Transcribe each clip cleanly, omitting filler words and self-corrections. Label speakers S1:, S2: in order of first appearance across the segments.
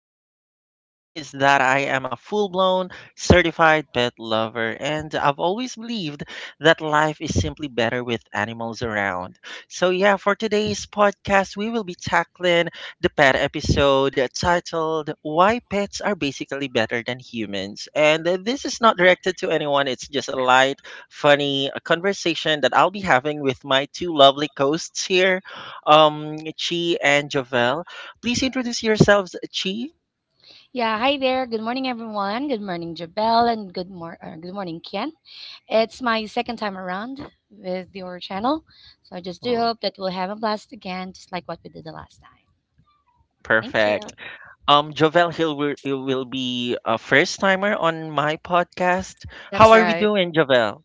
S1: thing that you should know about me is that I am a full-blown certified pet lover, and I've always believed that life is simply better with animals around. So yeah, for today's podcast, we will be tackling the pet episode titled Why Pets Are Basically Better Than Humans. And this is not directed to anyone, it's just a light, funny conversation that I'll be having with my two lovely hosts here Chi and Jovel. Please introduce yourselves, Chi.
S2: Yeah, hi there. Good morning, everyone. Good morning, Jabel, and good morning, Kian. It's my second time around with your channel, so I just do
S1: Oh,
S2: hope that we'll have a blast again, just like what we did the last time. Thank you.
S1: perfect. Jovel Hill it will be a first timer on my podcast. How
S3: That's
S1: are we
S3: right.
S1: doing, Jovel?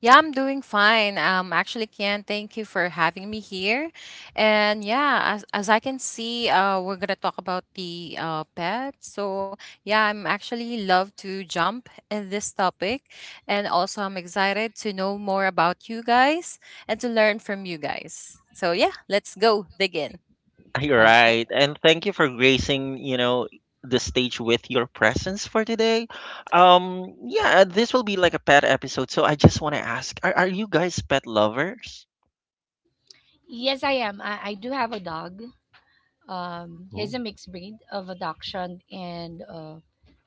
S3: Yeah, I'm doing fine. Actually, Kian, thank you for having me here. And yeah, as I can see, we're gonna talk about the pets. So yeah, I'm actually love to jump in this topic, and also I'm excited to know more about you guys and to learn from you guys. So yeah, let's go dig in.
S1: You're
S2: Okay.
S1: right, and thank you for gracing, the stage with your presence for today. Yeah, this will be like a pet episode, so I just want to ask: Are you guys pet lovers?
S2: Yes, I am. I do have a dog. He's
S1: Ooh.
S2: a mixed breed of a dachshund and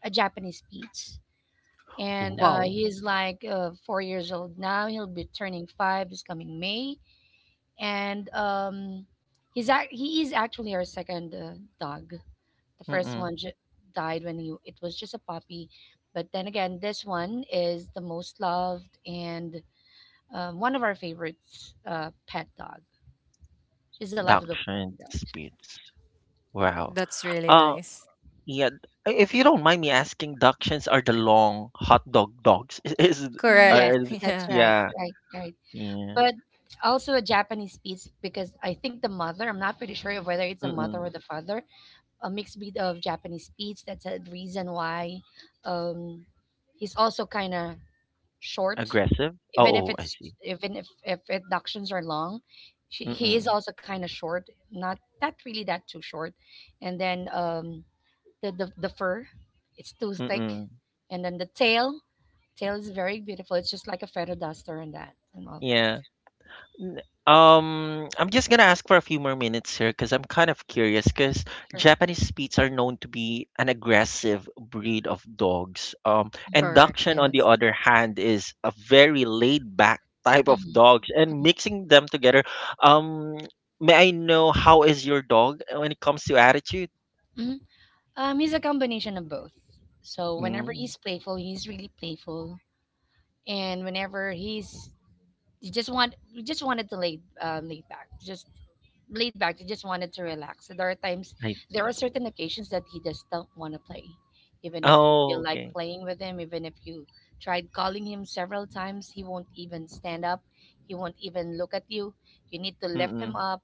S2: a Japanese Spitz. And
S3: Wow,
S1: Ooh.
S2: he's like 4 years old now. He'll be turning 5 this coming May, and he's he is actually our second dog. The first
S1: Mm-mm.
S2: one died when he it was just a puppy, but then again, this one is the most loved and one of our favorites pet dog. She's the life of the
S1: Dachshund,
S2: dog.
S1: Spitz. Wow.
S3: that's really
S1: Uh,
S3: nice.
S1: yeah, if you don't mind me asking, Dachshunds are the long hot dog dogs.
S3: Correct.
S2: Yes,
S1: Are th-
S2: that's
S3: Yeah,
S2: right,
S1: yeah,
S2: right.
S1: yeah.
S2: But also a Japanese Spitz because I think the mother. I'm not pretty sure of whether it's a mother or
S1: Mm-mm.
S2: the father a mixed breed of Japanese Spitz. That's a reason why um, he's also kind of short,
S1: Aggressive?
S2: even if
S1: Oh, oh, I
S2: it's
S1: see.
S2: even if inductions are long. He is
S1: Mm-mm.
S2: also kind of short, not really that too short, and then the fur, it's too thick,
S1: Mm-mm.
S2: and then the tail, tail is very beautiful. It's just like a feather duster and that and all that.
S1: Yeah. N- I'm just gonna ask for a few more minutes here because I'm kind of curious. Because
S2: Sure.
S1: Japanese Spitz are known to be an aggressive breed of dogs. And
S3: correct.
S1: Dachshund, on the
S3: Yes.
S1: other hand, is a very laid-back type of
S2: Mhm.
S1: dogs. And mixing them together, um, may I know how is your dog when it comes to attitude?
S2: Mhm. He's a combination of both. So whenever
S1: Mm,
S2: he's playful, he's really playful. And whenever he's you just want we just wanted to lay, laid back, you just wanted to relax. So
S1: nice.
S2: there are certain occasions that he just don't want to play, even if you feel
S1: Oh,
S2: like
S1: okay.
S2: playing with him, even if you tried calling him several times. He won't even stand up, he won't even look at you. You need to lift him
S1: Mm-mm.
S2: up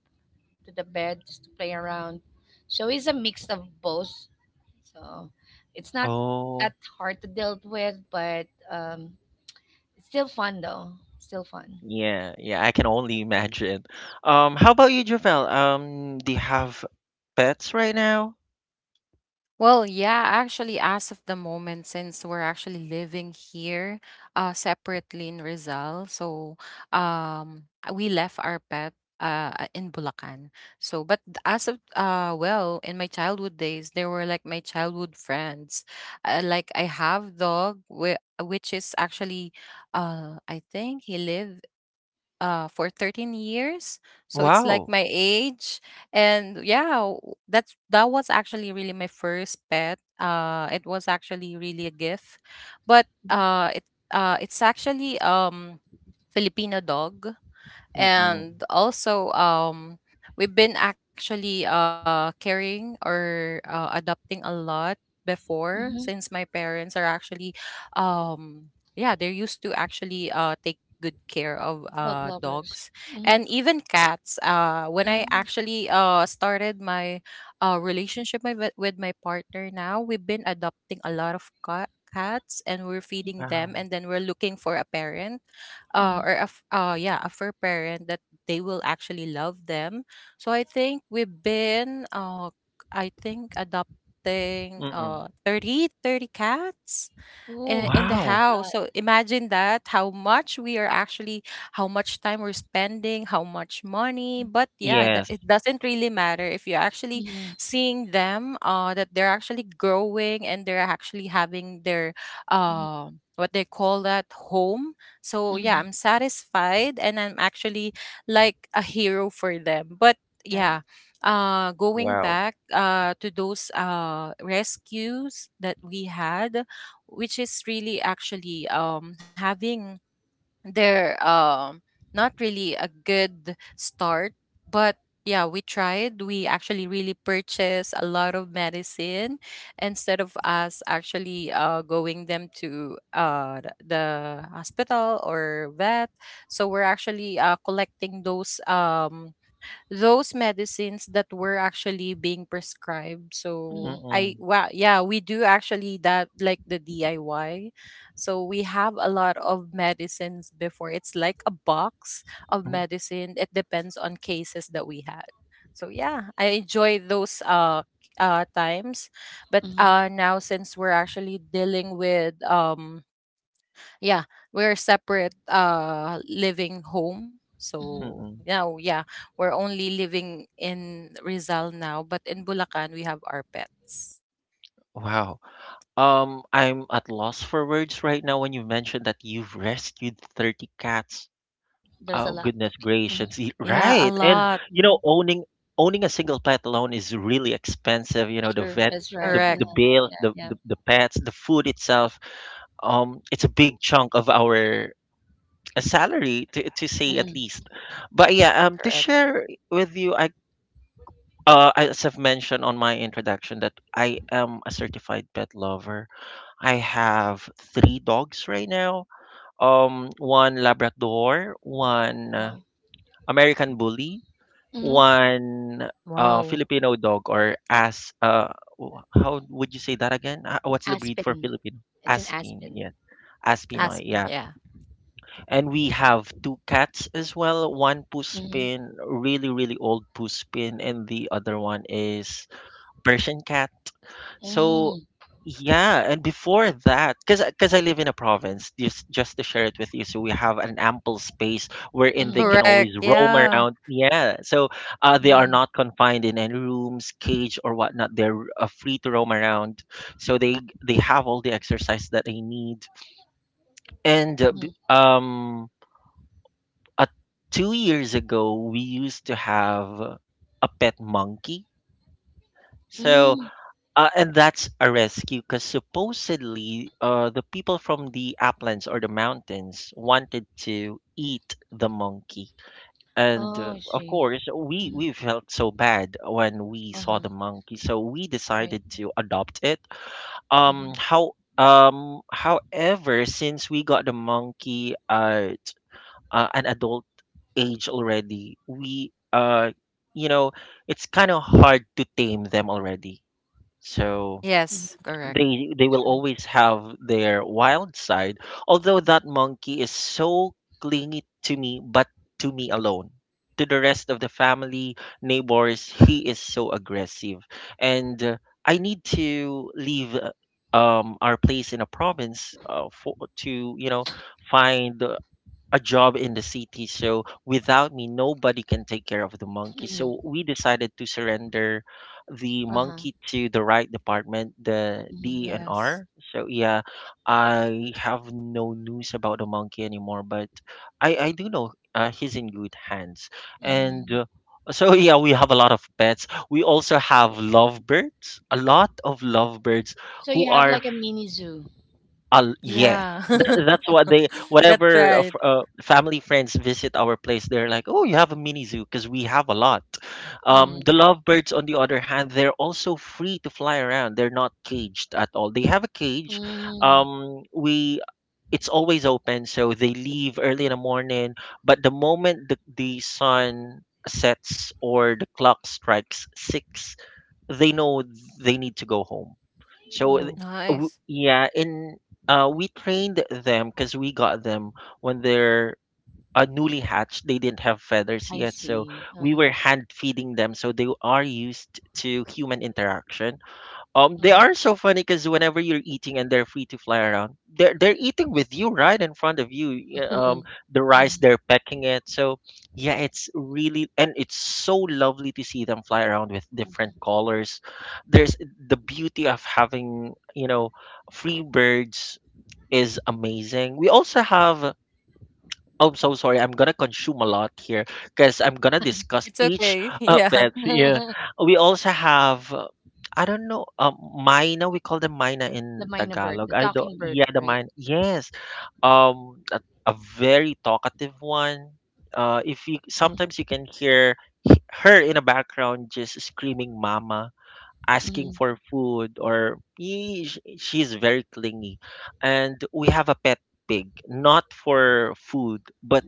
S2: to the bed just to play around. So it's a mix of both, so it's not that
S1: Oh.
S2: hard to deal with, but um, it's still fun though. Still fun.
S1: Yeah, yeah, I can only imagine. How about you, Javel? Do you have pets right now?
S3: Well, yeah, actually, as of the moment, since we're actually living here separately in Rizal, so um, we left our pet in Bulacan. So, but as of, well, in my childhood days, they were like my childhood friends. Like I have dog, which is actually, I think he lives for 13 years, so it's like
S1: Wow.
S3: my age. And yeah, that's that was actually really my first pet. It was actually really a gift, but it's actually Filipino dog.
S1: Mm-mm.
S3: And also, we've been actually carrying or adopting a lot before, since
S2: Mm-hmm.
S3: my parents are actually, um yeah they're used to actually take good care of
S2: Dog lovers.
S3: dogs
S2: Mm-hmm.
S3: and even cats. When I
S2: Oh,
S3: actually started my relationship, with my partner now, we've been adopting a lot of cats, and we're feeding them,
S1: Wow.
S3: and then we're looking for a parent,
S2: mm-hmm.
S3: or yeah, a fur parent that they will actually love them. So I think we've been I think adopting
S1: Mm-mm.
S3: uh thirty cats
S2: Ooh,
S3: in the
S2: there's
S1: Wow.
S2: a lot.
S3: house. So imagine that, how much we are actually, how much time we're spending, how much money. But yeah,
S2: Mm-hmm.
S3: it,
S1: Yes.
S3: it doesn't really matter if you're actually
S2: Mm-hmm.
S3: seeing them, that they're actually growing and they're actually having their,
S2: Mm-hmm.
S3: uh, what they call that home. So
S2: Mm-hmm.
S3: yeah, I'm satisfied and I'm actually like a hero for them. But
S2: Right.
S3: yeah, going
S1: Wow.
S3: back to those rescues that we had, which is really actually having their not really a good start, but yeah, we tried. We actually really purchased a lot of medicine instead of us actually going them to the hospital or vet. So we're actually collecting those medicines that were actually being prescribed. So
S2: Mm-hmm.
S3: I
S1: Mm-mm.
S3: wow, yeah, we do actually that like the DIY. So we have a lot of medicines before. It's like a box of
S1: Mhm.
S3: medicine. It depends on cases that we had. So yeah, I enjoy those times. But
S2: Mm-hmm.
S3: now, since we're actually dealing with yeah, we're separate living home.
S2: Mm-hmm.
S3: So
S1: Mm-mm.
S3: now, yeah, we're only living in Rizal now, but in Bulacan we have our pets.
S1: Wow. I'm at loss for words right now when you mentioned that you've rescued 30 cats.
S2: There's a
S1: Oh,
S2: lot.
S1: goodness gracious.
S3: Yeah, a
S1: Right. And
S3: lot.
S1: you know,
S2: Mm-hmm.
S1: owning owning a single pet alone is really expensive. You know, the
S2: Sure,
S1: vet
S2: that's right.
S1: the
S3: Correct.
S2: Yeah,
S1: the bill,
S2: yeah,
S1: the,
S2: yeah.
S1: the, the pets, the food itself. It's a big chunk of our salary, to say at
S2: Mm-hmm.
S1: least. But yeah, um, to
S3: Correct.
S1: share with you, I as I've mentioned on my introduction, that I am a certified pet lover. I have three dogs right now. One Labrador, one
S2: Oh.
S1: American Bully,
S2: Mm-hmm.
S1: one
S3: Wow.
S1: Filipino dog, or as how would you say that again? What's the breed for
S2: Aspen.
S1: Filipino?
S2: It's an
S1: Aspin,
S2: aspen.
S1: yeah. Aspinoy,
S3: Aspen.
S1: yeah.
S3: Yeah.
S1: And we have two cats as well. One
S2: Mm-hmm.
S1: Puspin, really, really old Puspin, and the other one is Persian cat.
S2: Mm-hmm.
S1: So yeah, and before that, because I live in a province, just to share it with you, so we have an ample space wherein they
S2: Mm-hmm.
S1: can
S3: Correct.
S1: always roam
S3: Yeah.
S1: around. Yeah, so they are
S2: Mm-hmm.
S1: not confined in any rooms, cage or whatnot. They're free to roam around, so they have all the exercise that they need. And uh, b- um, uh, 2 years ago, we used to have a pet monkey. So
S2: Mm-hmm.
S1: uh, and that's a rescue because supposedly the people from the uplands or the mountains wanted to eat the monkey. And
S2: Oh, I
S1: of
S2: see.
S1: course,
S2: Mm-hmm.
S1: we felt so bad when we saw
S2: Uh-huh.
S1: the monkey. So we
S2: Right.
S1: decided to adopt it.
S2: Mm-hmm.
S1: However, since we got the monkey at an adult age already, we, you know, it's kind of hard to tame them already. So
S2: Mm-hmm.
S3: Yes. Correct.
S1: they
S2: That's
S1: will
S2: right.
S1: always have their wild side, although that monkey is so clingy to me, but to me alone. To the rest of the family, neighbors, he is so aggressive. And I need to leave our place in a province for to find a job in the city. So without me, nobody can take care of the monkey.
S2: Mm-hmm.
S1: So we decided to surrender the
S2: Uh-huh.
S1: monkey to the right department, the D and
S3: Yes.
S1: R. So yeah, I have no news about the monkey anymore, but I do know he's in good hands. And
S2: Mm-hmm.
S1: so yeah, we have a lot of pets. We also have lovebirds, a lot of lovebirds
S2: So you
S1: who
S2: have
S1: are
S2: like a mini zoo.
S1: Al yes.
S3: Yeah.
S1: That's what they
S3: That's
S1: whatever of
S3: right.
S1: family friends visit our place, they're like, "Oh, you have a mini zoo," because we have a lot.
S2: hmm
S1: The lovebirds, on the other hand, they're also free to fly around. They're not caged at all. They have a cage.
S2: mm
S1: We it's always open, so they leave early in the morning. But the moment the sun sets or the clock strikes six, they know they need to go home, so
S2: Oh,
S3: Nice.
S1: yeah, and we trained them because we got them when they're newly hatched. They didn't have feathers
S2: I
S1: yet, so
S2: see.
S1: we were
S2: Uh-huh.
S1: hand feeding them. So they are used to human interaction. Um, they
S2: hmm
S1: are so funny because whenever you're eating and they're free to fly around, they're eating with you right in front of you. The rice, they're pecking it. So yeah, it's really, and it's so lovely to see them fly around with different colors. There's the beauty of having, free birds, is amazing. We also have Oh, I'm so sorry. I'm gonna consume a lot here because I'm gonna discuss
S3: It's
S1: each
S3: okay. Yeah.
S1: pet. Yeah, we also have. I don't know. Mina. We call them mina
S2: the
S1: in
S2: minor bird,
S1: Tagalog.
S2: the
S1: I don't.
S2: talking bird,
S1: Yeah, the
S2: right?
S1: mina. Yes. A very talkative one. If you
S2: Mm-hmm.
S1: sometimes you can hear her in the background just screaming "mama," asking
S2: Mm-hmm.
S1: for food, or he, she's very clingy. And we have a pet pig, not for food, but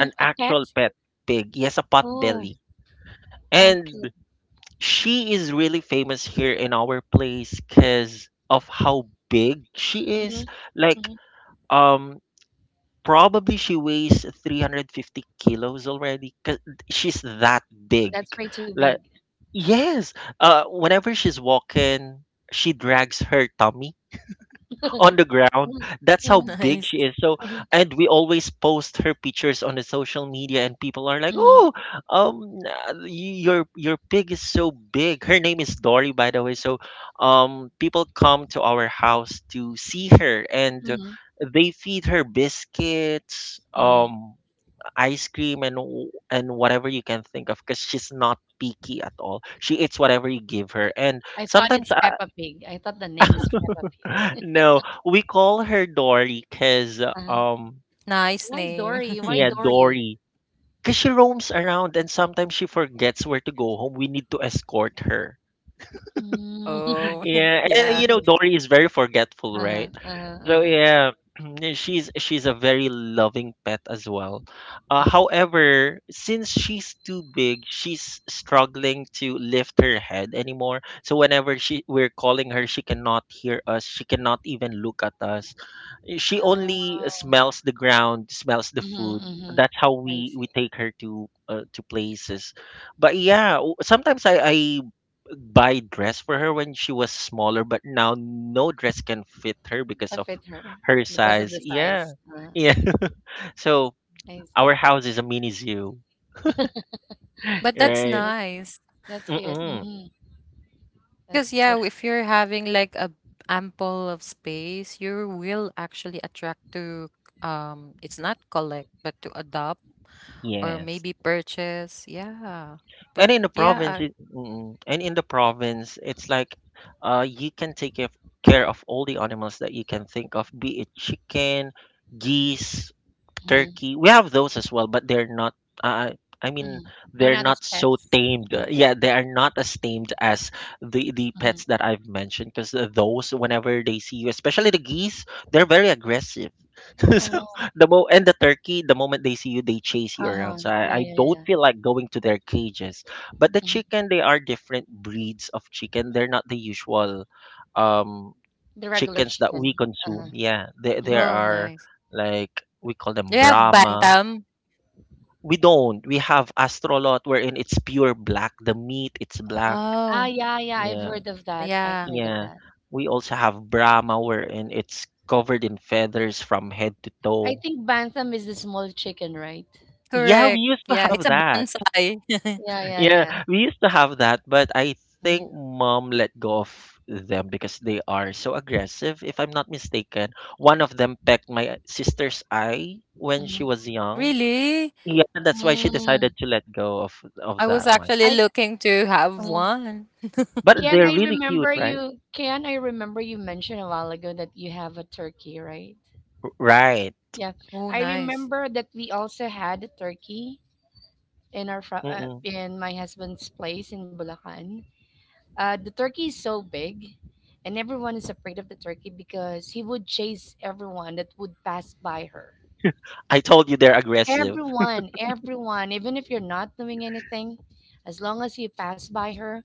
S1: an
S2: a
S1: actual
S2: pet?
S1: pet pig. He has a pot
S2: Oh,
S1: belly.
S2: okay.
S1: And she is really famous here in our place because of how big she is.
S2: hmm
S1: Like,
S2: hmm
S1: um, probably she weighs 350 kilos already because she's that big.
S2: That's way too
S1: Like,
S2: big.
S1: yes, whenever she's walking, she drags her tummy on the ground.
S2: Mm-hmm.
S1: That's how big
S3: Nice.
S1: she is. So, and we always post her pictures on the social media, and people are like, "Oh,
S2: Mm-hmm.
S1: your pig is so big." Her name is Dory, by the way. So, people come to our house to see her, and they feed her biscuits,
S2: Mm-hmm.
S1: ice cream, and and whatever you can think of, because she's not picky at all. She eats whatever you give her, and
S2: I thought
S1: sometimes
S2: it's Peppa Pig. I thought the name is Peppa Pig.
S1: no, we call her Dory because
S2: Uh-huh.
S1: um
S3: Nice
S2: Why
S3: name.
S2: Dory?
S1: yeah
S2: Why Dory?
S1: Dory because she roams around and sometimes she forgets where to go home. We need to escort her.
S2: Mm.
S3: Oh,
S1: Yeah, and, you know,
S3: yeah.
S1: Dory is very forgetful, right?
S2: Uh-huh, uh-huh,
S1: So
S2: uh-huh.
S1: yeah, she's a very loving pet as well.
S2: Mm-hmm.
S1: However, since she's too big, she's struggling to lift her head anymore. So whenever she we're calling her, she cannot hear us. She cannot even look at us. She only
S2: Ah.
S1: smells the ground, smells the food.
S2: Mhm,
S1: That's
S2: mhm.
S1: how
S2: I
S1: we
S2: see.
S1: take her to places. But yeah, sometimes I buy dress for her when she was smaller, but now no dress can fit her because
S2: I
S1: of
S2: fit her
S1: her
S2: because
S1: size.
S2: of the
S1: Yeah,
S2: size. Ah,
S1: yeah.
S2: I see.
S1: So
S2: I
S1: our
S2: see.
S1: house is a mini zoo,
S3: But that's
S2: That's
S1: right?
S2: cute.
S3: nice.
S2: That's cute.
S1: Mm-mm.
S2: Mhm.
S3: Because
S2: That's
S3: yeah,
S2: that's
S3: if
S2: cute.
S3: you're having like a ample of space, you will actually attract to it's not collect but to adopt or
S1: Yes.
S3: maybe purchase. Yeah. But yeah, I-
S1: And in the province it's like you can take care of all the animals that you can think of, be it chicken, geese,
S2: Mhm,
S1: turkey. We have those as well, but they're not. Uh, I mean,
S2: mhm. They're
S1: they're
S2: not
S1: not
S2: as
S1: so
S2: pets.
S1: tamed.
S2: Mm,
S1: Yeah, they
S2: mm,
S1: are not as tamed as the pets
S2: mhm.
S1: that I've mentioned. Because those, whenever they see you, especially the geese, they're very aggressive. So
S2: Oh.
S1: the mo and the turkey, the moment they see you, they chase you around.
S2: Uh-huh.
S1: So I
S2: Yeah, yeah, yeah,
S1: don't
S2: yeah.
S1: feel like going to their cages. But the
S2: Mhm.
S1: chicken, they are different breeds of chicken. They're not the usual. Um,
S2: The regular
S1: chickens that we
S2: chicken.
S1: consume.
S2: Uh-huh.
S1: Yeah,
S2: Mhm.
S1: there
S3: oh
S1: are
S3: nice.
S1: like, we call them
S3: You have
S1: Brahma.
S3: bantam?
S1: We don't. We have Astrolot wherein it's pure black. The meat, it's black.
S2: Ah,
S3: Oh,
S2: yeah, yeah. I've
S1: Yeah.
S2: heard of that. I've
S3: yeah.
S2: heard of
S1: Yeah.
S2: that.
S1: We also have Brahma wherein it's covered in feathers from head to
S2: I
S1: toe.
S2: think Bantam is the small chicken, right?
S1: Yeah, we
S3: Correct.
S1: used to
S3: Yeah, it's
S1: have
S3: a
S1: that.
S3: bonsai.
S2: Yeah, yeah,
S1: Yeah,
S2: yeah.
S1: we used to have that, but I
S2: Mm-hmm.
S1: think mom let go of them because they are so aggressive. If I'm not mistaken, one of them pecked my sister's eye when she was
S2: Mm-hmm.
S1: young.
S3: Really?
S1: Yeah, that's why she decided
S2: Mm.
S1: to let go of
S3: I was
S1: that one.
S3: actually
S2: I
S3: looking to have
S2: uh,
S3: one.
S1: But they're really cute, right?
S2: Can I remember you mentioned a while ago that you have a turkey, right?
S1: Right.
S2: Yeah,
S3: Oh,
S2: I
S3: nice.
S2: remember that we also had a turkey in
S1: Mm-mm.
S2: in my husband's place in Bulacan. The turkey is so big, and everyone is afraid of the turkey because he would chase everyone that would pass by her.
S1: I told you they're aggressive.
S2: Everyone, everyone, even if you're not doing anything, as long as you pass by her,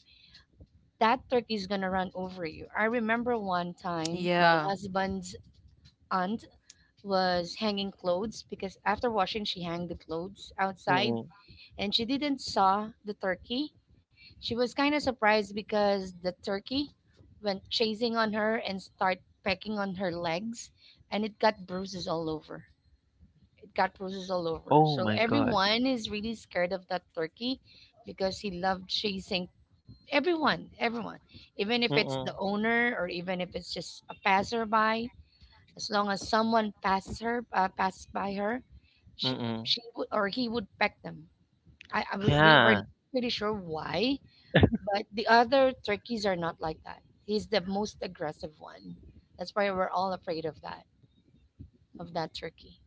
S2: that turkey is gonna run over you. I remember one time my
S3: Yeah.
S2: husband's aunt was hanging clothes because after washing she hung the clothes outside,
S1: Mm-mm.
S2: and she didn't saw the turkey. She was kind of surprised because the turkey went chasing on her and start pecking on her legs, and it got bruises all over. It got bruises all over.
S1: Oh
S2: So
S1: my god.
S2: everyone is really scared of that turkey because he loved chasing everyone, everyone, even if it's the
S1: Mm-mm.
S2: owner or even if it's just a passerby. As long as someone passes her, passes by her,
S1: Mm-mm.
S2: she would or he would peck them. I we were
S1: Yeah.
S2: not pretty sure why, but the other turkeys are not like that. He's the most aggressive one. That's why we're all afraid of that turkey.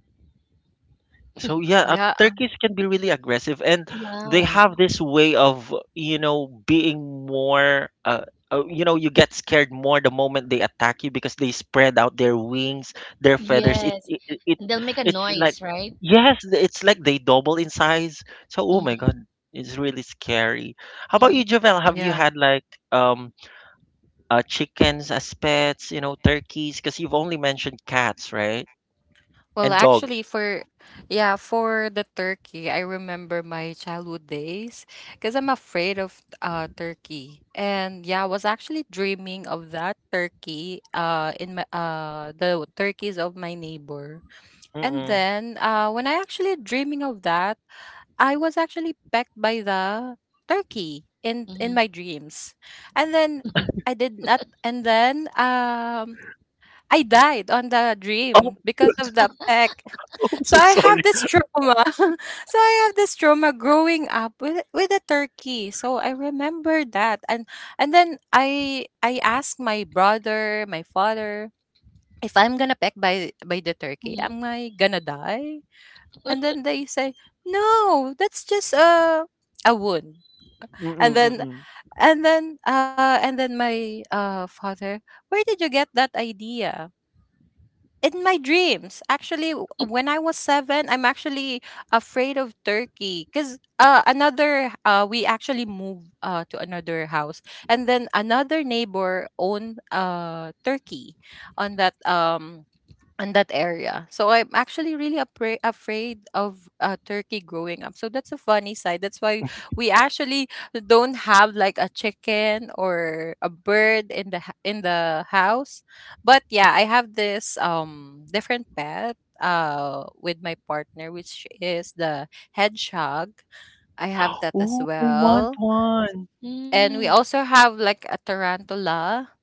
S1: So yeah,
S3: Yeah.
S1: turkeys
S3: Uh,
S1: can be really aggressive, and they
S2: Yeah.
S1: have this way of, you know, being more. You know, you get scared more the moment they attack you because they spread out their wings, their feathers.
S2: Yes.
S1: It
S2: And they'll make a
S1: it's like,
S2: noise, right?
S1: yes, it's like they double in size. So oh my
S2: Mm-hmm,
S1: god, it's really scary. How about you,
S2: mm-hmm,
S1: Javel? Have you
S3: yeah.
S1: had like um chickens as pets? You know, turkeys? Because you've only mentioned cats, right?
S3: Well,
S1: And dogs.
S3: actually, for yeah, for the turkey, I remember my childhood days, because I'm afraid of turkey. And yeah, I was actually dreaming of that turkey in my the turkeys of my neighbor, and
S1: Mm-mm.
S3: then when I actually dreaming of that, I was actually pecked by the turkey in
S2: mm-hmm,
S3: my dreams, and then I did not, and then I died on the
S1: Oh,
S3: dream because of the peck.
S1: I'm
S3: So
S1: so
S3: I have
S1: sorry.
S3: this trauma. So I have this trauma growing up with a turkey. So I remember that. And then I asked my brother, my father, if I'm gonna peck by the turkey, am
S2: mm-hmm,
S3: I gonna die? And then they say, no, that's just a wound.
S1: Mm,
S3: And then
S1: mm.
S3: and then my father, where did you get that idea? In my dreams, actually, when I was seven, I'm actually afraid of turkey because another we actually moved to another house, and then another neighbor owned turkey on that in that area. So I'm actually really afraid of turkey growing up. So that's a funny side. That's why we actually don't have like a chicken or a bird in the in the house. But yeah, I have this different pet with my partner, which is the hedgehog. I have that as
S1: Oh, I want
S3: well.
S1: one.
S3: And we
S2: mm-hmm.
S3: also have like a tarantula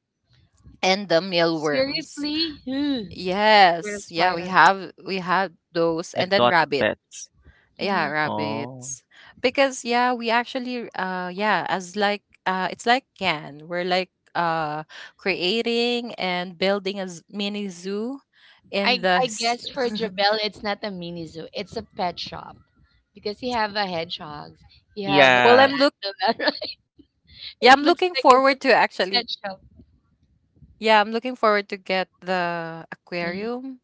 S3: and the mealworms.
S2: Seriously? Ugh. I'm scared of
S3: Yes. Yeah, we
S2: spiders.
S3: have we had those, and then
S1: Exotic pet.
S3: rabbits. Yeah,
S2: Mhm.
S1: Oh.
S3: rabbits. Because yeah, we actually as like it's like can. We're like creating and building a mini zoo in the
S2: I guess for Jabel, it's not a mini zoo. It's a pet shop because you have a hedgehogs. You have a
S3: Well,
S1: Yeah,
S3: I'm look yeah,
S2: it
S3: I'm
S2: looks
S3: looking
S2: like it's a
S3: forward to
S2: pet
S3: actually.
S2: shop.
S3: Yeah, I'm looking forward to get the aquarium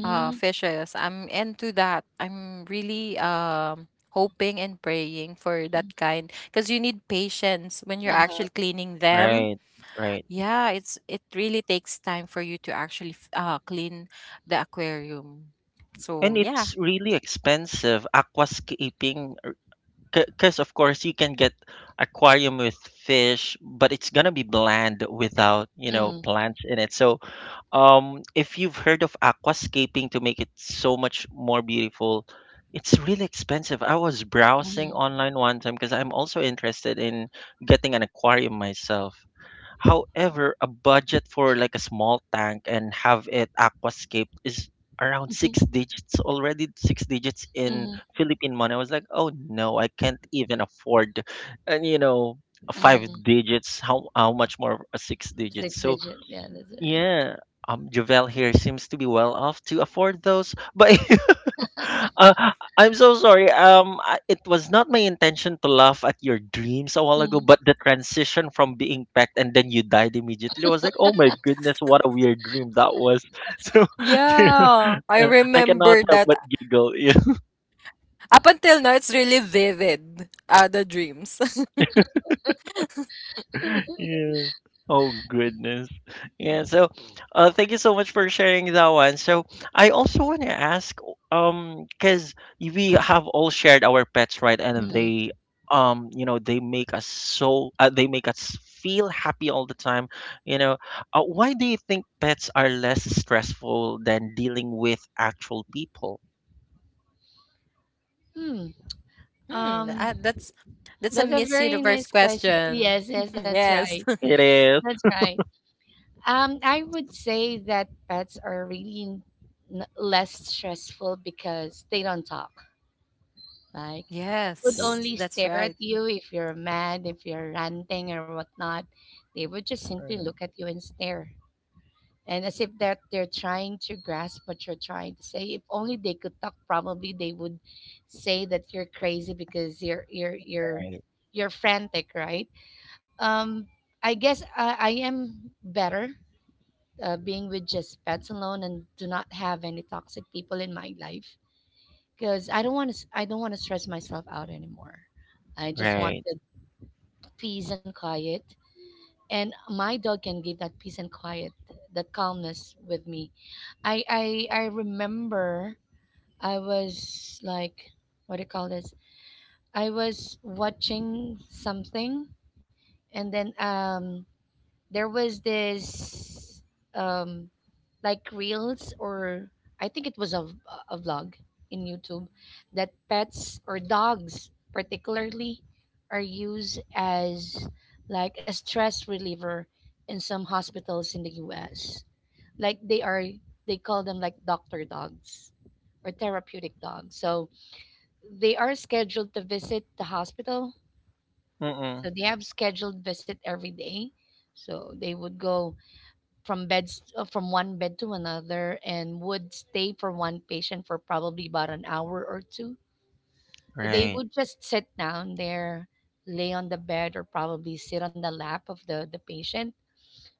S3: fishes. I'm into that. I'm really hoping and praying for that kind, because you need patience when you're
S2: Uh-huh.
S3: actually cleaning them.
S1: right, right.
S3: Yeah, it's it really takes time for you to actually clean the aquarium. So
S1: And
S3: yeah.
S1: it's really expensive aquascaping because of course you can get aquarium with fish, but it's gonna be bland without, you know,
S2: Mm-hmm.
S1: plants in it. So if you've heard of aquascaping to make it so much more beautiful, it's really expensive. I was browsing online one time because I'm also interested in getting an aquarium myself. However, a budget for like a small tank and have it aquascaped is around
S2: Mm-hmm.
S1: six digits already, six digits in
S2: Mm-hmm.
S1: Philippine money. I was like, oh no, I can't even afford, and you know, a five digits. How much more a six
S2: Six
S1: digits? So
S2: digit. Yeah, that's right.
S1: yeah, Javel here seems to be well off to afford those. But I'm so sorry. I- it was not my intention to laugh at your dreams a while ago,
S2: Mm-hmm.
S1: but the transition from being packed and then you died immediately was like, oh my goodness, what a weird dream that was. So you know,
S3: Yeah, I
S1: I cannot
S3: remember
S1: help
S3: that.
S1: but giggle.
S3: Up until now, it's really vivid, the dreams.
S1: Yeah. Oh goodness. Yeah, so thank you so much for sharing that one. So I also want to ask cuz we have all shared our pets, right? And they, you know, they make us so they make us feel happy all the time, you know. Why do you think pets are less stressful than dealing with actual people?
S2: hmm Um,
S3: Hmm, that's a
S2: that's a
S3: Miss
S2: very
S3: Universe
S2: nice question.
S3: question.
S2: Yes, yes, that's right.
S3: Yes.
S1: It is.
S2: That's right. I would say that pets are really less stressful because they don't talk. Like, they would
S3: Yes,
S2: only
S3: that's
S2: stare
S3: right.
S2: at you if you're mad, if you're ranting or whatnot. They would just simply look at you and stare. And as if that they're trying to grasp what you're trying to say. If only they could talk, probably they would say that you're crazy because you're frantic, right? Um, I guess I am better being with just pets alone and do not have any toxic people in my life because I don't want to stress myself out anymore. I just
S1: Right.
S2: wanted peace and quiet, and my dog can give that peace and quiet, that calmness with me. I remember I was like, what do you call this? I was watching something, and then there was this um like reels, or I think it was a a vlog in YouTube, that pets or dogs particularly are used as like a stress reliever in some hospitals in the US. Like they are, they call them like doctor dogs or therapeutic dogs. So they are scheduled to visit the hospital. So
S1: Mm-mm.
S2: they have scheduled visit every day. So they would go from beds, from one bed to another, and would stay for one patient for probably about an hour or two. They
S1: Right.
S2: would just sit down there, lay on the bed, or probably sit on the lap of the patient.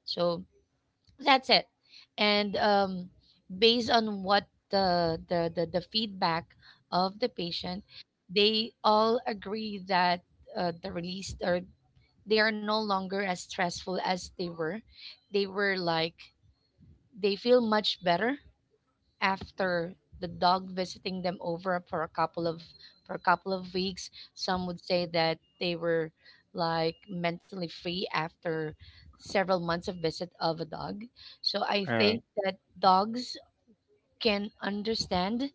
S2: So that's it. And based on what the feedback of the patient, they all agree that the release, or they are no longer as stressful as they were. They were like, they feel much better after the dog visiting them over for a couple of for a couple of weeks. Some would say that they were like mentally free after several months of visit of a dog. So I think
S1: Right.
S2: that dogs can understand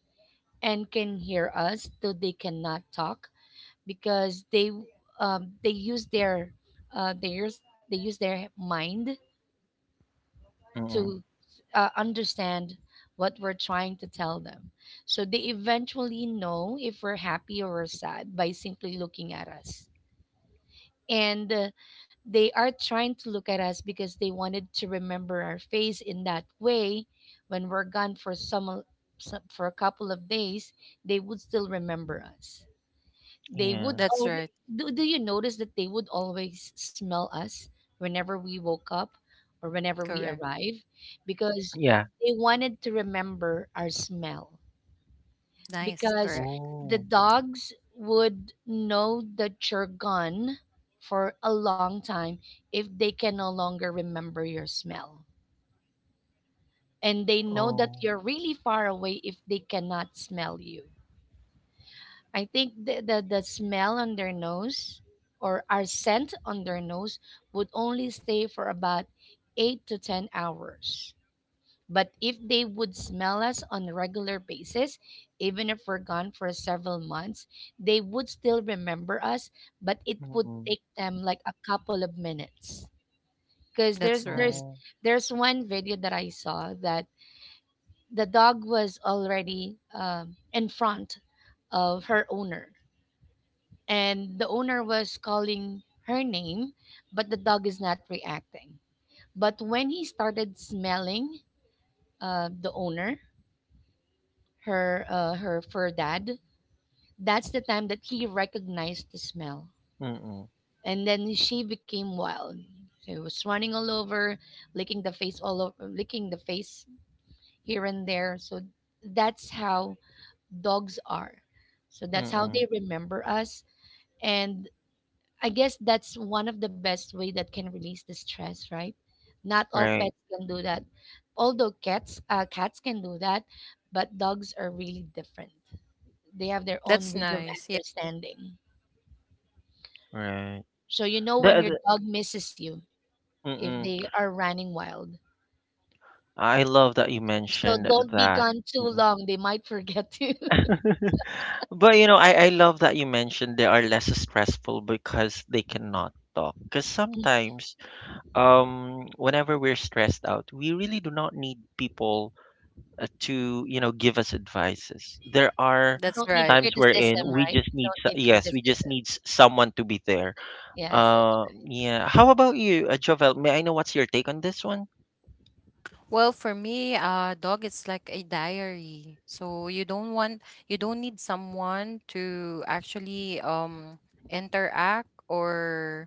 S2: and can hear us though they cannot talk because they, they use their they use their mind
S1: Mm-mm.
S2: to understand what we're trying to tell them. So they eventually know if we're happy or we're sad by simply looking at us. And they are trying to look at us because they wanted to remember our face in that way when we're gone for for a couple of days. They would still remember us. They would
S1: Yeah.
S3: That's right.
S2: always do, do you notice that they would always smell us whenever we woke up or whenever we
S3: Correct.
S2: arrive, because
S1: Yeah.
S2: they wanted to remember our smell,
S3: Nice.
S2: because
S3: Correct.
S2: the
S1: Oh.
S2: dogs would know that you're gone for a long time if they can no longer remember your smell. And they know that
S1: Oh,
S2: you're really far away if they cannot smell you. I think the smell on their nose, or our scent on their nose, would only stay for about eight to 10 hours. But if they would smell us on a regular basis, even if we're gone for several months, they would still remember us, but it would
S1: mm.
S2: take them like a couple of minutes. Because
S3: That's right.
S1: Oh,
S2: there's one video that I saw that the dog was already in front of her owner, and the owner was calling her name, but the dog is not reacting. But when he started smelling the owner, her her fur dad, that's the time that he recognized the smell,
S1: mm.
S2: and then she became wild. She was running all over, licking the face all over, licking the face here and there. So that's how dogs are. So that's how
S1: Mm.
S2: they remember us. And I guess that's one of the best way that can release the stress, right? Not all
S1: Right,
S2: pets can do that. Although cats, cats can do that, but dogs are really different. They have their own
S3: That's
S2: way of
S3: nice. Yeah,
S2: understanding.
S1: right.
S2: So you know when your
S1: The
S2: dog misses you if
S1: mm.
S2: they are running wild.
S1: I love that you
S2: So
S1: mentioned
S2: don't be
S1: that.
S2: gone too
S1: Mm.
S2: long. They might forget you.
S1: But you know, I love that you mentioned they are less stressful because they cannot talk. Because sometimes, whenever we're stressed out, we really do not need people to you know give us advices. There are
S3: that's
S2: You don't
S3: right.
S2: need
S1: times wherein
S2: criticism,
S1: we
S2: right?
S1: just
S2: You
S1: need
S2: don't need
S1: yes, we just
S2: criticism.
S1: need someone to be there.
S2: Yes, that's
S1: Yeah. How about you, Jovel? May I know what's your take on this one?
S3: Well, for me, dog it's like a diary. So you don't want you don't need someone to actually interact or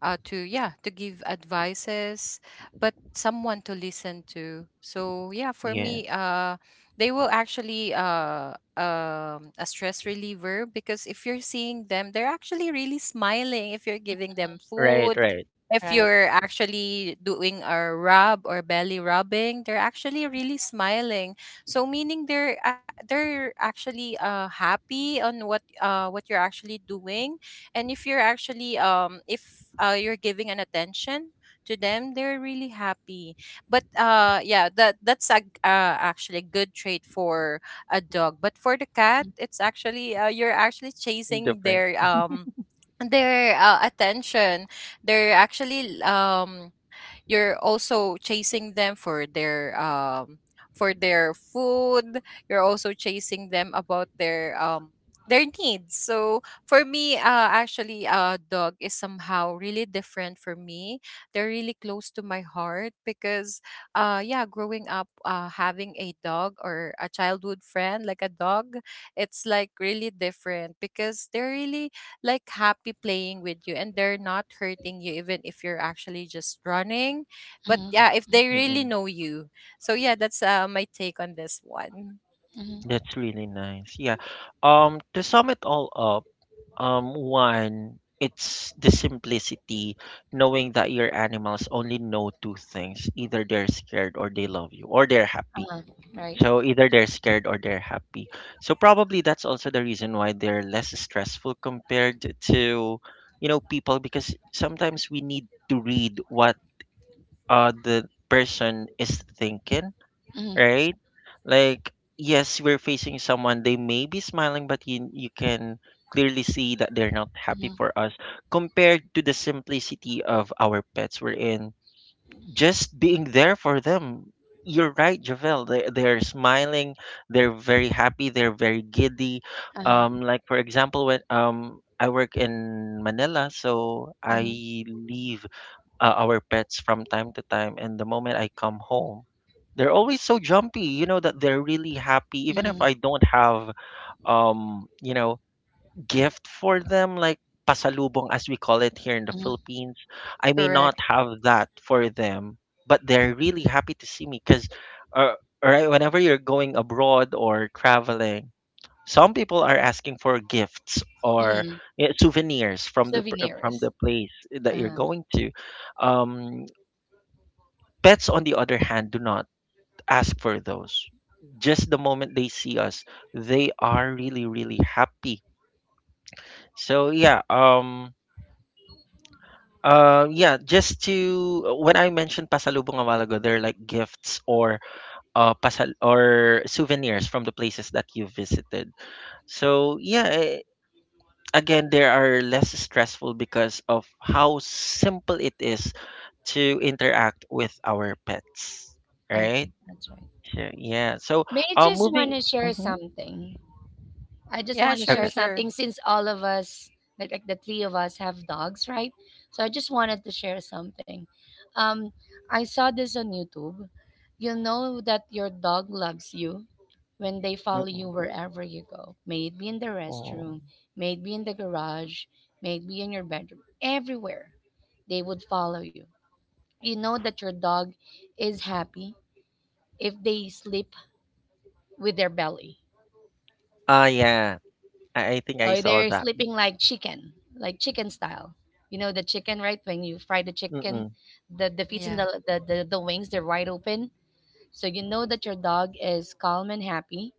S3: to yeah, to give advices, but someone to listen to. So yeah, for
S1: Yeah,
S3: me, they will actually a stress reliever, because if you're seeing them, they're actually really smiling if you're giving them
S1: right,
S3: food,
S1: right.
S3: if
S2: right.
S3: you're actually doing a rub or belly rubbing, they're actually really smiling. So meaning they're actually happy on what you're actually doing. And if you're actually if you're giving an attention to them, they're really happy. But yeah, that that's a actually a good trait for a dog. But for the cat, it's actually you're actually chasing
S1: Different.
S3: their attention, they're actually you're also chasing them for their food, you're also chasing them about their needs. So for me, actually, dog is somehow really different for me. They're really close to my heart, because yeah, growing up having a dog or a childhood friend like a dog, it's like really different, because they're really like happy playing with you, and they're not hurting you even if you're actually just running, but
S2: Mm-hmm,
S3: yeah, if they really
S1: Mm-mm.
S3: know you. So yeah, that's my take on this one.
S2: mm-hmm,
S1: That's really nice. Yeah. To sum it all up, one, it's the simplicity, knowing that your animals only know two things. Either they're scared or they love you, or they're happy.
S2: uh-huh, right.
S1: So either they're scared or they're happy. So probably that's also the reason why they're less stressful compared to, you know, people, because sometimes we need to read what the person is thinking,
S2: Mm-hmm,
S1: right? Like yes, we're facing someone, they may be smiling but you can clearly see that they're not happy
S2: mm-hmm,
S1: for us, compared to the simplicity of our pets, we're in just being there for them. You're right, Javel. They're smiling, they're very happy, they're very giddy.
S2: uh-huh,
S1: Like for example when I work in Manila, so
S2: mm-hmm,
S1: I leave our pets from time to time and the moment I come home they're always so jumpy, you know that they're really happy even if I
S2: mm-hmm.
S1: don't have you know gift for them like pasalubong as we call it here in the
S2: Mhm,
S1: Philippines. I may
S3: Correct.
S1: not have that for them but they're really happy to see me cuz uh, right, whenever you're going abroad or traveling some people are asking for gifts or
S2: mhm,
S1: souvenirs from the from
S2: souvenirs.
S1: the place that you're
S2: Uh-huh.
S1: going to. um Pets, on the other hand, do not ask for those. Just the moment they see us, they are really, really happy. So yeah, yeah. Just to when I mentioned pasalubong a while ago, they're like gifts or pasal or souvenirs from the places that you visited. So yeah, again, they are less stressful because of how simple it is to interact with our pets, right?
S2: Okay, that's right.
S1: Sure, yeah. So,
S2: May I just want
S1: moving
S2: to share
S1: mhm,
S2: something. I
S3: Yeah,
S2: just want to
S3: sure,
S2: share
S1: okay.
S3: sure.
S2: something since all of us, like the three of us, have dogs, right? So I just wanted to share something. Um, I saw this on YouTube. You know that your dog loves you when they follow you
S1: Mm-mm.
S2: wherever you go. May it be in the
S1: Oh.
S2: restroom, may it be in the garage, may it be in your bedroom, everywhere they would follow you. You know that your dog is happy if they sleep with their belly,
S1: Ah, yeah. I think I
S2: or
S1: saw
S2: they're
S1: that.
S2: sleeping like chicken, like chicken style. You know the chicken, right? When you fry the chicken,
S1: Mm-mm.
S2: the feet
S3: Yeah.
S2: and the wings, they're wide open. So you know that your dog is calm and happy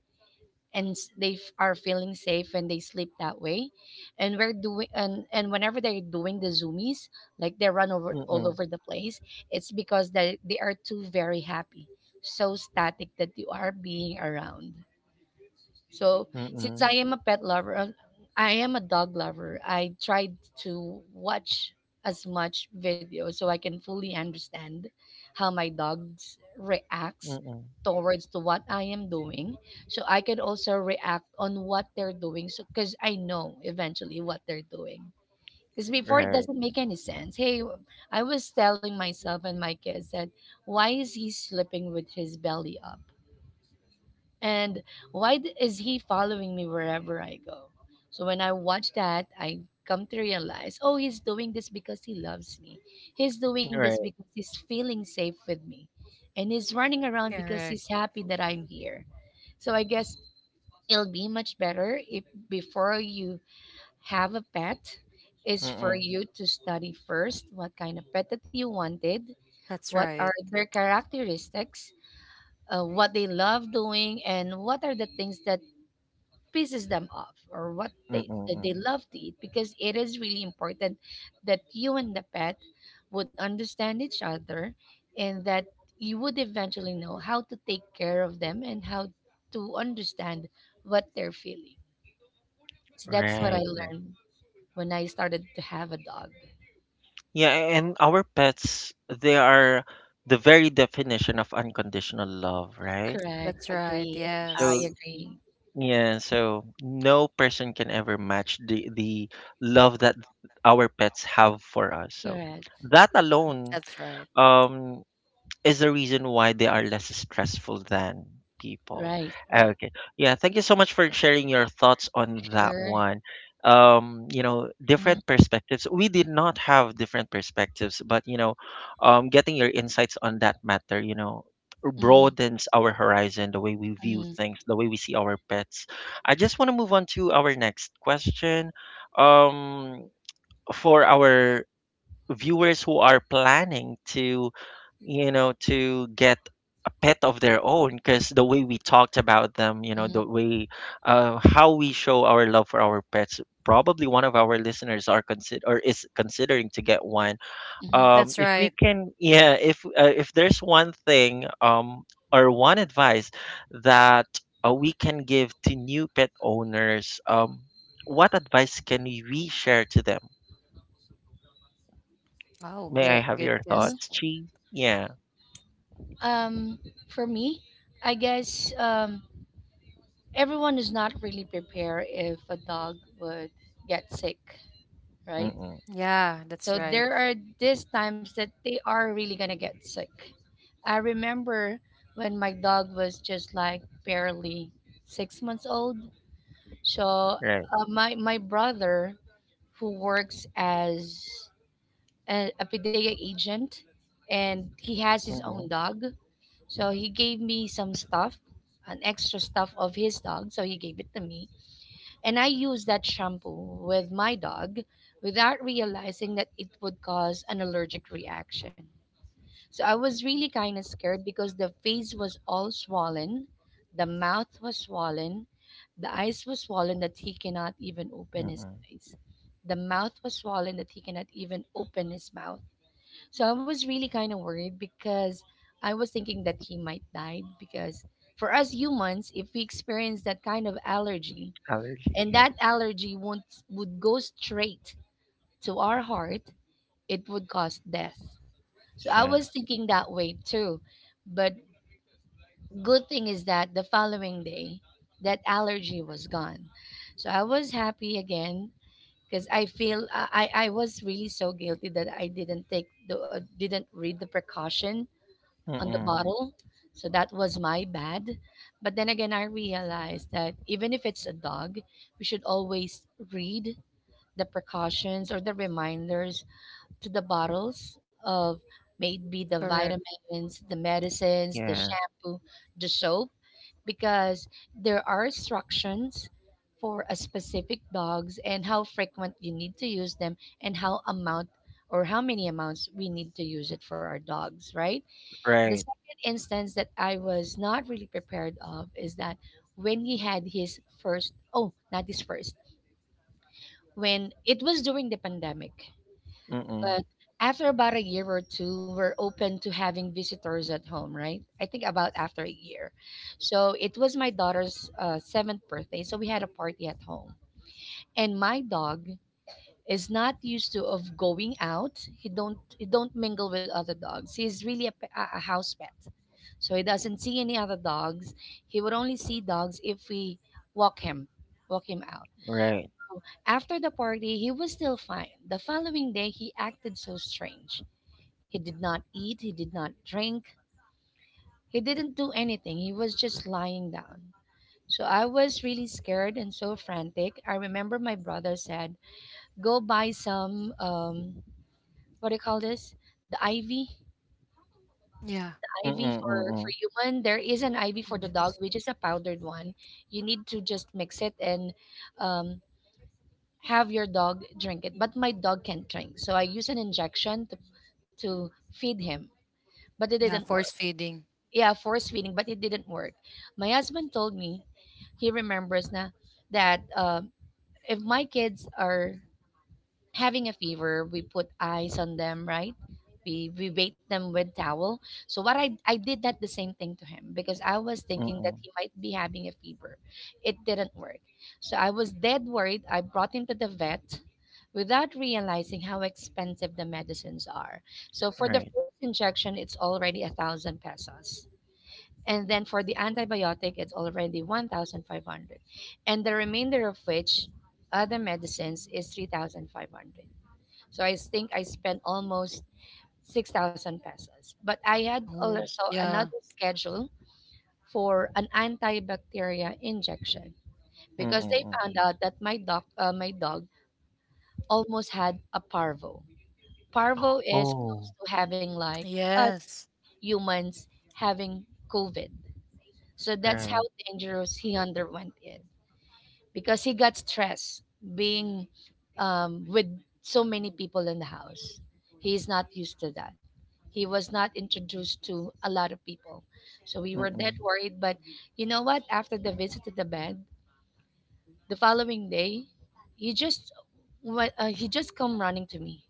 S2: and are feeling safe when they sleep that way. And we're doing and whenever they're doing the zoomies, like they run over all
S1: Mm-mm.
S2: over the place, it's because they are too very happy, so static that you are being around. So since
S1: Mm-mm.
S2: I am a pet lover, I am a dog lover. I tried to watch as much video so I can fully understand how my dogs reacts
S1: Mm-mm.
S2: towards to what I am doing. So I can also react on what they're doing. So because I know eventually what they're doing. Because before it
S1: Right.
S2: doesn't make any sense. Hey, I was telling myself and my kids that why is he sleeping with his belly up? And is he following me wherever I go? So when I watch that, I come to realize, oh, he's doing this because he loves me. He's doing this
S1: Right.
S2: because he's feeling safe with me. And he's running around because
S3: Correct.
S2: he's happy that I'm here. So I guess it'll be much better if before you have a pet is for
S1: Mm-mm.
S2: you to study first what kind of pet that you wanted,
S3: That's
S2: what
S3: right.
S2: are their characteristics, what they love doing and what are the things that pisses them off or what
S1: Mm-mm.
S2: they that they
S1: Mm-mm.
S2: love to eat, because it is really important that you and the pet would understand each other, and that you would eventually know how to take care of them and how to understand what they're feeling. So that's what I
S1: Right. Right.
S2: learned when I started to have a dog.
S1: Yeah, a- and our pets, they are the very definition of unconditional love, right?
S2: Correct.
S3: That's right.
S2: Agree. I
S1: So,
S3: Yes.
S2: agree.
S1: y- yeah, so no person can ever match the love that our pets have for us. So,
S2: Correct.
S1: that alone
S3: That's right.
S1: um is the reason why they are less stressful than people.
S2: Right. Right.
S1: Okay, yeah, thank you so much for sharing your thoughts on that
S2: Sure.
S1: one. You know, different
S2: Mm-hmm,
S1: perspectives, we did not have different perspectives, but you know, getting your insights on that matter, you know, broadens our horizon, the way we view
S2: mm-hmm,
S1: things, the way we see our pets. I just want to move on to our next question. um for our viewers who are planning to, you know, to get a pet of their own, because the way we talked about them, you know,
S2: mm-hmm,
S1: the way how we show our love for our pets, probably one of our listeners are consider or is considering to get one.
S2: mm-hmm.
S3: That's
S1: If
S3: right.
S1: we can, yeah, if there's one thing or one advice that we can give to new pet owners, what advice can we share to them?
S3: Oh,
S1: May I
S3: good,
S1: have
S3: good
S1: your
S3: guess.
S1: thoughts, Chi? Yeah.
S2: Um, for me, I guess everyone is not really prepared if a dog would get sick, right?
S1: Mm-mm.
S3: Yeah,
S2: So
S3: that's right.
S2: there are these times that they are really gonna get sick. I remember when my dog was just like barely 6 months old. So
S1: Right.
S2: my brother, who works as an a pediatric agent, and he has his own
S1: Mm-mm.
S2: dog. So he gave me some stuff, an extra stuff of his dog. So he gave it to me. And I used that shampoo with my dog without realizing that it would cause an allergic reaction. So I was really kind of scared because the face was all swollen, the mouth was swollen, the eyes was swollen that he cannot even open his
S1: Mm-mm.
S2: eyes. The mouth was swollen that he cannot even open his mouth. So I was really kind of worried because I was thinking that he might die because for us humans, if we experience that kind of allergy
S1: Allergy.
S2: and
S1: Yeah.
S2: that allergy won't, would go straight to our heart, it would cause death. So I
S1: Yeah.
S2: was thinking that way too. But good thing is that the following day, that allergy was gone. So I was happy again because I feel I was really so guilty that I didn't take the didn't read the precaution on the
S1: Mm-mm.
S2: bottle. So that was my bad. But then again, I realized that even if it's a dog, we should always read the precautions or the reminders to the bottles of maybe the
S3: Correct.
S2: vitamins, the medicines, the
S1: Yeah.
S2: shampoo, the soap, because there are instructions for a specific dogs and how frequent you need to use them and how amount or how many amounts we need to use it for our dogs, right? The
S1: Right.
S2: second instance that I was not really prepared of is that when he had his first, oh, not his first, when it was during the pandemic,
S1: Mm-mm.
S2: but after about a year or two, we're open to having visitors at home, right? I think about after a year. So it was my daughter's seventh birthday, so we had a party at home, and my dog is not used to of going out. He don't mingle with other dogs. He's really a, pe- a house pet. So he doesn't see any other dogs. He would only see dogs if we walk him, walk him out.
S1: Right.
S2: So after the party, he was still fine. The following day, he acted so strange. He did not eat, he did not drink, he didn't do anything. He was just lying down. So I was really scared and so frantic. I remember my brother said, go buy some, what do you call this? The ivy.
S3: Yeah.
S2: IV
S1: Mm-mm.
S2: for
S1: Mm-mm.
S2: human. There is an IV for the
S3: Yes.
S2: dog, which is a powdered one. You need to just mix it and um, have your dog drink it. But my dog can't drink, so I use an injection to feed him, but it didn't
S3: Yeah,
S2: work.
S3: force feeding.
S2: Yeah, force feeding, but it didn't work. My husband told me he remembers na that if my kids are having a fever, we put ice on them, right? We bait them with towel. So what I did that the same thing to him because I was thinking that
S1: Mm-mm.
S2: he might be having a fever. It didn't work. So I was dead worried. I brought him to the vet without realizing how expensive the medicines are. So for the
S1: Right.
S2: first injection, it's already 1,000 pesos. And then for the antibiotic, it's already 1,500. And the remainder of which other medicines is 3,500. So I think I spent almost 6,000 pesos. But I had
S3: Oh,
S2: also
S3: yeah.
S2: another schedule for an antibacteria injection because
S1: Mm-mm.
S2: they found
S1: Mm-mm.
S2: out that my dog almost had a parvo. Parvo is close
S1: Oh.
S2: to having like us
S3: Yes.
S2: humans having COVID. So that's how
S1: Right.
S2: dangerous he underwent it. Because he got stressed being with so many people in the house. He is not used to that. He was not introduced to a lot of people. So we were that
S1: Mm-mm.
S2: worried. But you know what? After the visit to the bed, the following day, he just he just come running to me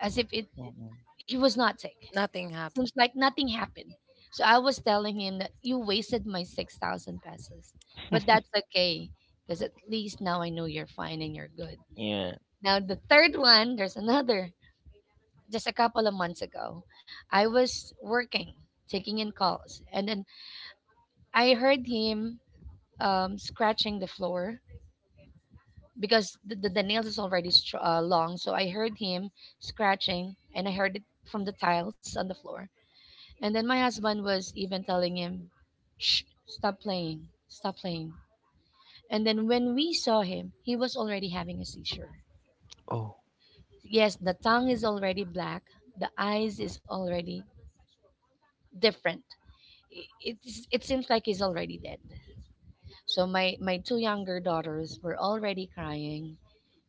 S2: as if it
S1: Mm-mm.
S2: he was not sick.
S3: Nothing
S2: Seems
S3: happened.
S2: like nothing happened. So I was telling him that you wasted my 6,000 pesos. But that's okay because at least now I know you're fine and you're good.
S1: Yeah.
S2: Now, the third one, there's another. Just a couple of months ago, I was working, taking in calls, and then I heard him scratching the floor because the nails is already long. So I heard him scratching and I heard it from the tiles on the floor. And then my husband was even telling him, shh, stop playing, stop playing. And then when we saw him, he was already having a seizure.
S1: Oh.
S2: Yes, the tongue is already black, the eyes is already different. It seems like he's already dead. So my two younger daughters were already crying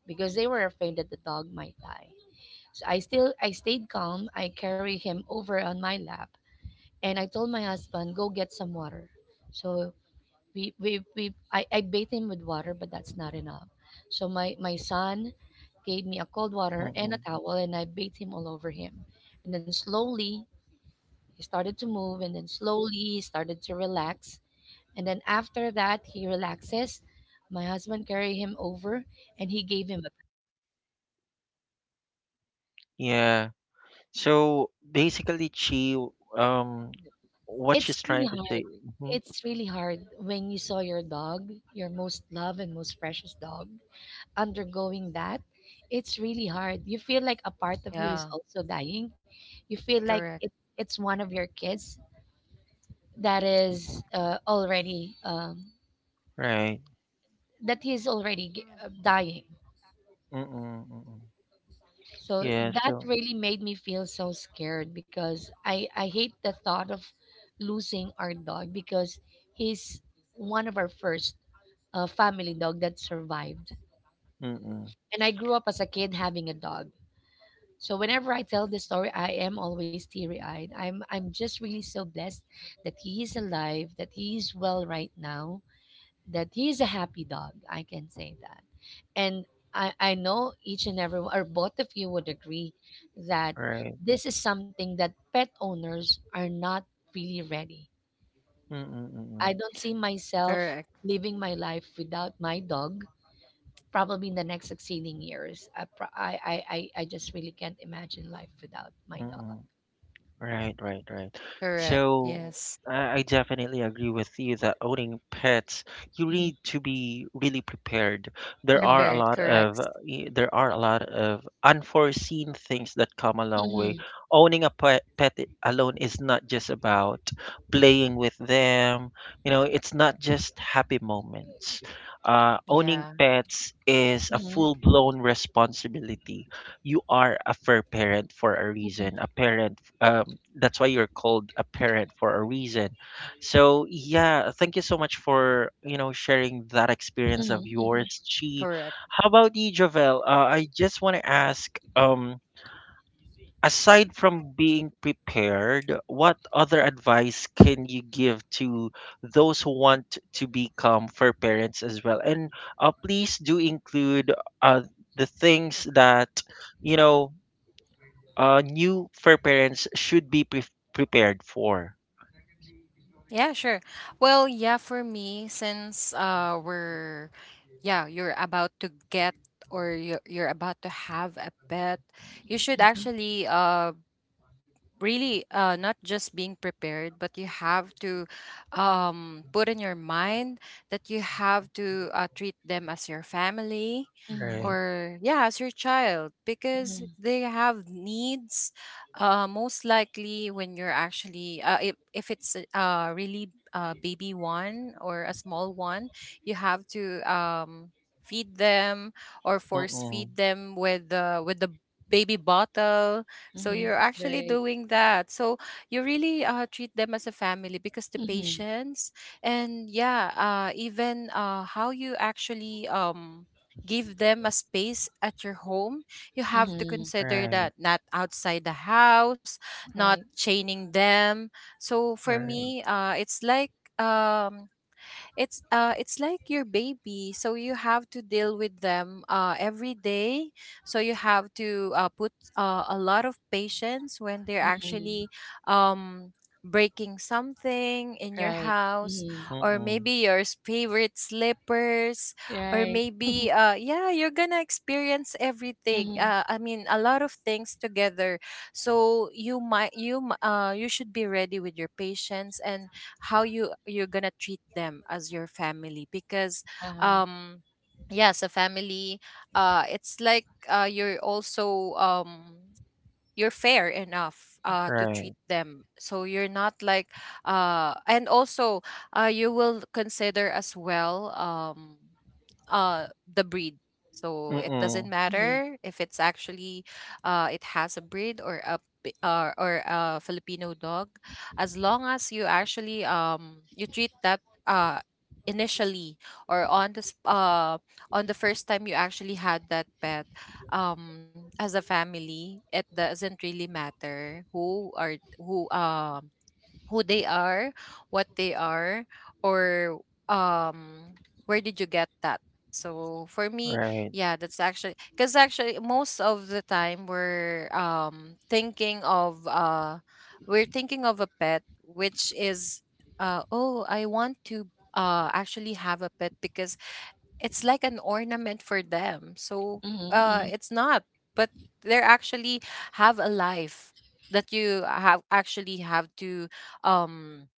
S2: because they were afraid that the dog might die. So I stayed calm. I carried him over on my lap and I told my husband, go get some water. So I bathe him with water but that's not enough, so my son gave me a cold water and a
S1: Mm-mm.
S2: towel and I bathed him all over him, and then slowly he started to move, and then slowly he started to relax, and then after that he relaxes, my husband carried him over and he gave him a,
S1: Yeah. So basically, Chi, um, what
S2: it's
S1: she's
S2: really
S1: trying to
S2: hard,
S1: say. Hmm.
S2: it's really hard when you saw your dog, your most loved and most precious dog undergoing that, it's really hard. You feel like a part of you is
S3: Yeah.
S2: also dying. You feel like
S3: Correct.
S2: it, It's one of your kids that is already
S1: Right.
S2: that he's already dying.
S1: Mm-mm. Mm-mm.
S2: So
S1: Yeah.
S2: that
S1: So.
S2: really made me feel so scared because I hate the thought of losing our dog because he's one of our first family dog that survived.
S1: Mm-mm.
S2: And I grew up as a kid having a dog. So whenever I tell this story, I am always teary-eyed. I'm just really so blessed that he is alive, that he is well right now, that he is a happy dog. I can say that. And I know each and every one, or both of you would agree that
S1: Right.
S2: this is something that pet owners are not really ready.
S1: Mm-mm. Mm-mm.
S2: I don't see myself
S3: Correct.
S2: living my life without my dog probably in the next succeeding years. I, pro- I just really can't imagine life without my
S1: 嗯
S2: dog.
S1: 嗯 Right, right, right.
S3: Correct.
S1: So
S3: Yes.
S1: I definitely agree with you that owning pets, you
S2: Mhm,
S1: need to be really prepared. There
S2: mhm,
S1: are a
S3: Prepared.
S1: lot of
S3: Correct.
S1: there are a lot of unforeseen things that come along with
S2: mhm,
S1: owning a pet, alone is not just about playing with them. You know, it's not just happy moments. Owning
S3: Yeah.
S1: pets is a
S2: mhm,
S1: full-blown responsibility. You are a fur parent for a
S2: mhm,
S1: reason, a parent, that's why you're called a parent for a reason. So yeah, thank you so much for you know sharing that experience of
S2: mhm, mhm,
S1: yours, Chi.
S3: Correct.
S1: How about you, Javel? I just want to ask, aside from being prepared, what other advice can you give to those who want to become fur parents as well? And please do include uh, the things that you know new fur parents should be prepared for.
S3: Yeah, sure. Well, yeah, for me, since we're yeah, you're about to get or you're about to have a pet, you should actually really not just being prepared, but you have to put in your mind that you have to treat them as your family,
S2: mhm,
S1: Right.
S3: or yeah, as your child, because
S2: mhm.
S3: they have needs. Most likely, when you're actually if it's a- really a baby one or a small one, you have to feed them or force
S1: Mm-mm.
S3: feed them with the baby bottle. So
S2: Mhm.
S3: you're actually
S2: Right.
S3: doing that. So you really treat them as a family, because the
S2: Mhm.
S3: patience and yeah, even how you actually give them a space at your home, you have to
S2: Mhm.
S3: consider
S1: Right.
S3: that not outside the house,
S2: Right.
S3: not chaining them. So for
S1: Right.
S3: me, it's like um it's like your baby, so you have to deal with them every day. So you have to put a lot of patience when they're
S2: Mhm.
S3: actually um breaking something in your
S2: Right.
S3: house,
S2: Mhm.
S3: or
S1: Mm-mm.
S3: maybe your favorite slippers, or
S2: Right.
S3: maybe yeah, you're gonna experience everything,
S2: Mhm,
S3: I mean, a lot of things together. So you should be ready with your patience, and how you're gonna treat them as your family. Because
S2: uh-huh.
S3: um yes, a family. It's like you're also you're fair enough to
S1: Right.
S3: treat them, so you're not like and also you will consider as well, the breed. So it doesn't
S1: Mm-mm.
S3: matter if it's actually it has a breed or a or a filipino dog, as long as you actually you treat that uh, initially, or on the on the first time you actually had that pet, as a family. It doesn't really matter who are who, who they are, what they are, or um where did you get that. So for me,
S1: Right.
S3: yeah, that's actually because actually most of the time we're thinking of we're thinking of a pet which is oh, I want to actually have a pet because it's like an ornament for them. So
S2: Mhm, mhm,
S3: it's not, but they're actually have a life that you have actually have to um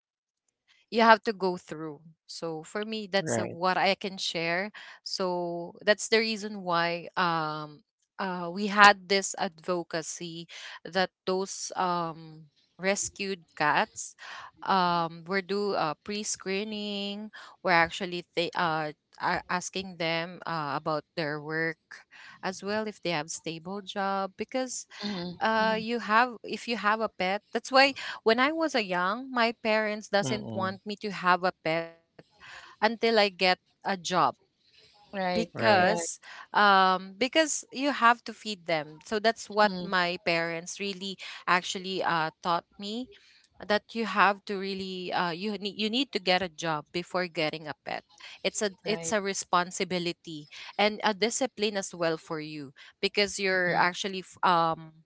S3: you have to go through. So for me, that's
S1: Right.
S3: what I can share. So that's the reason why we had this advocacy, that those rescued cats were do pre-screening. We're actually asking them about their work as well, if they have stable job. Because
S2: mhm, mhm.
S3: you have if you have a pet, that's why when I was a young, my parents doesn't
S1: Mm-mm.
S3: want me to have a pet until I get a job.
S2: Right.
S1: Right.
S2: Correct.
S3: Because because you have to feed them, so that's what
S2: Mhm.
S3: my parents really actually taught me, that you have to really you need to get a job before getting a pet. It's
S2: Right.
S3: a responsibility and a discipline as well for you, because you're
S2: Mhm,
S3: actually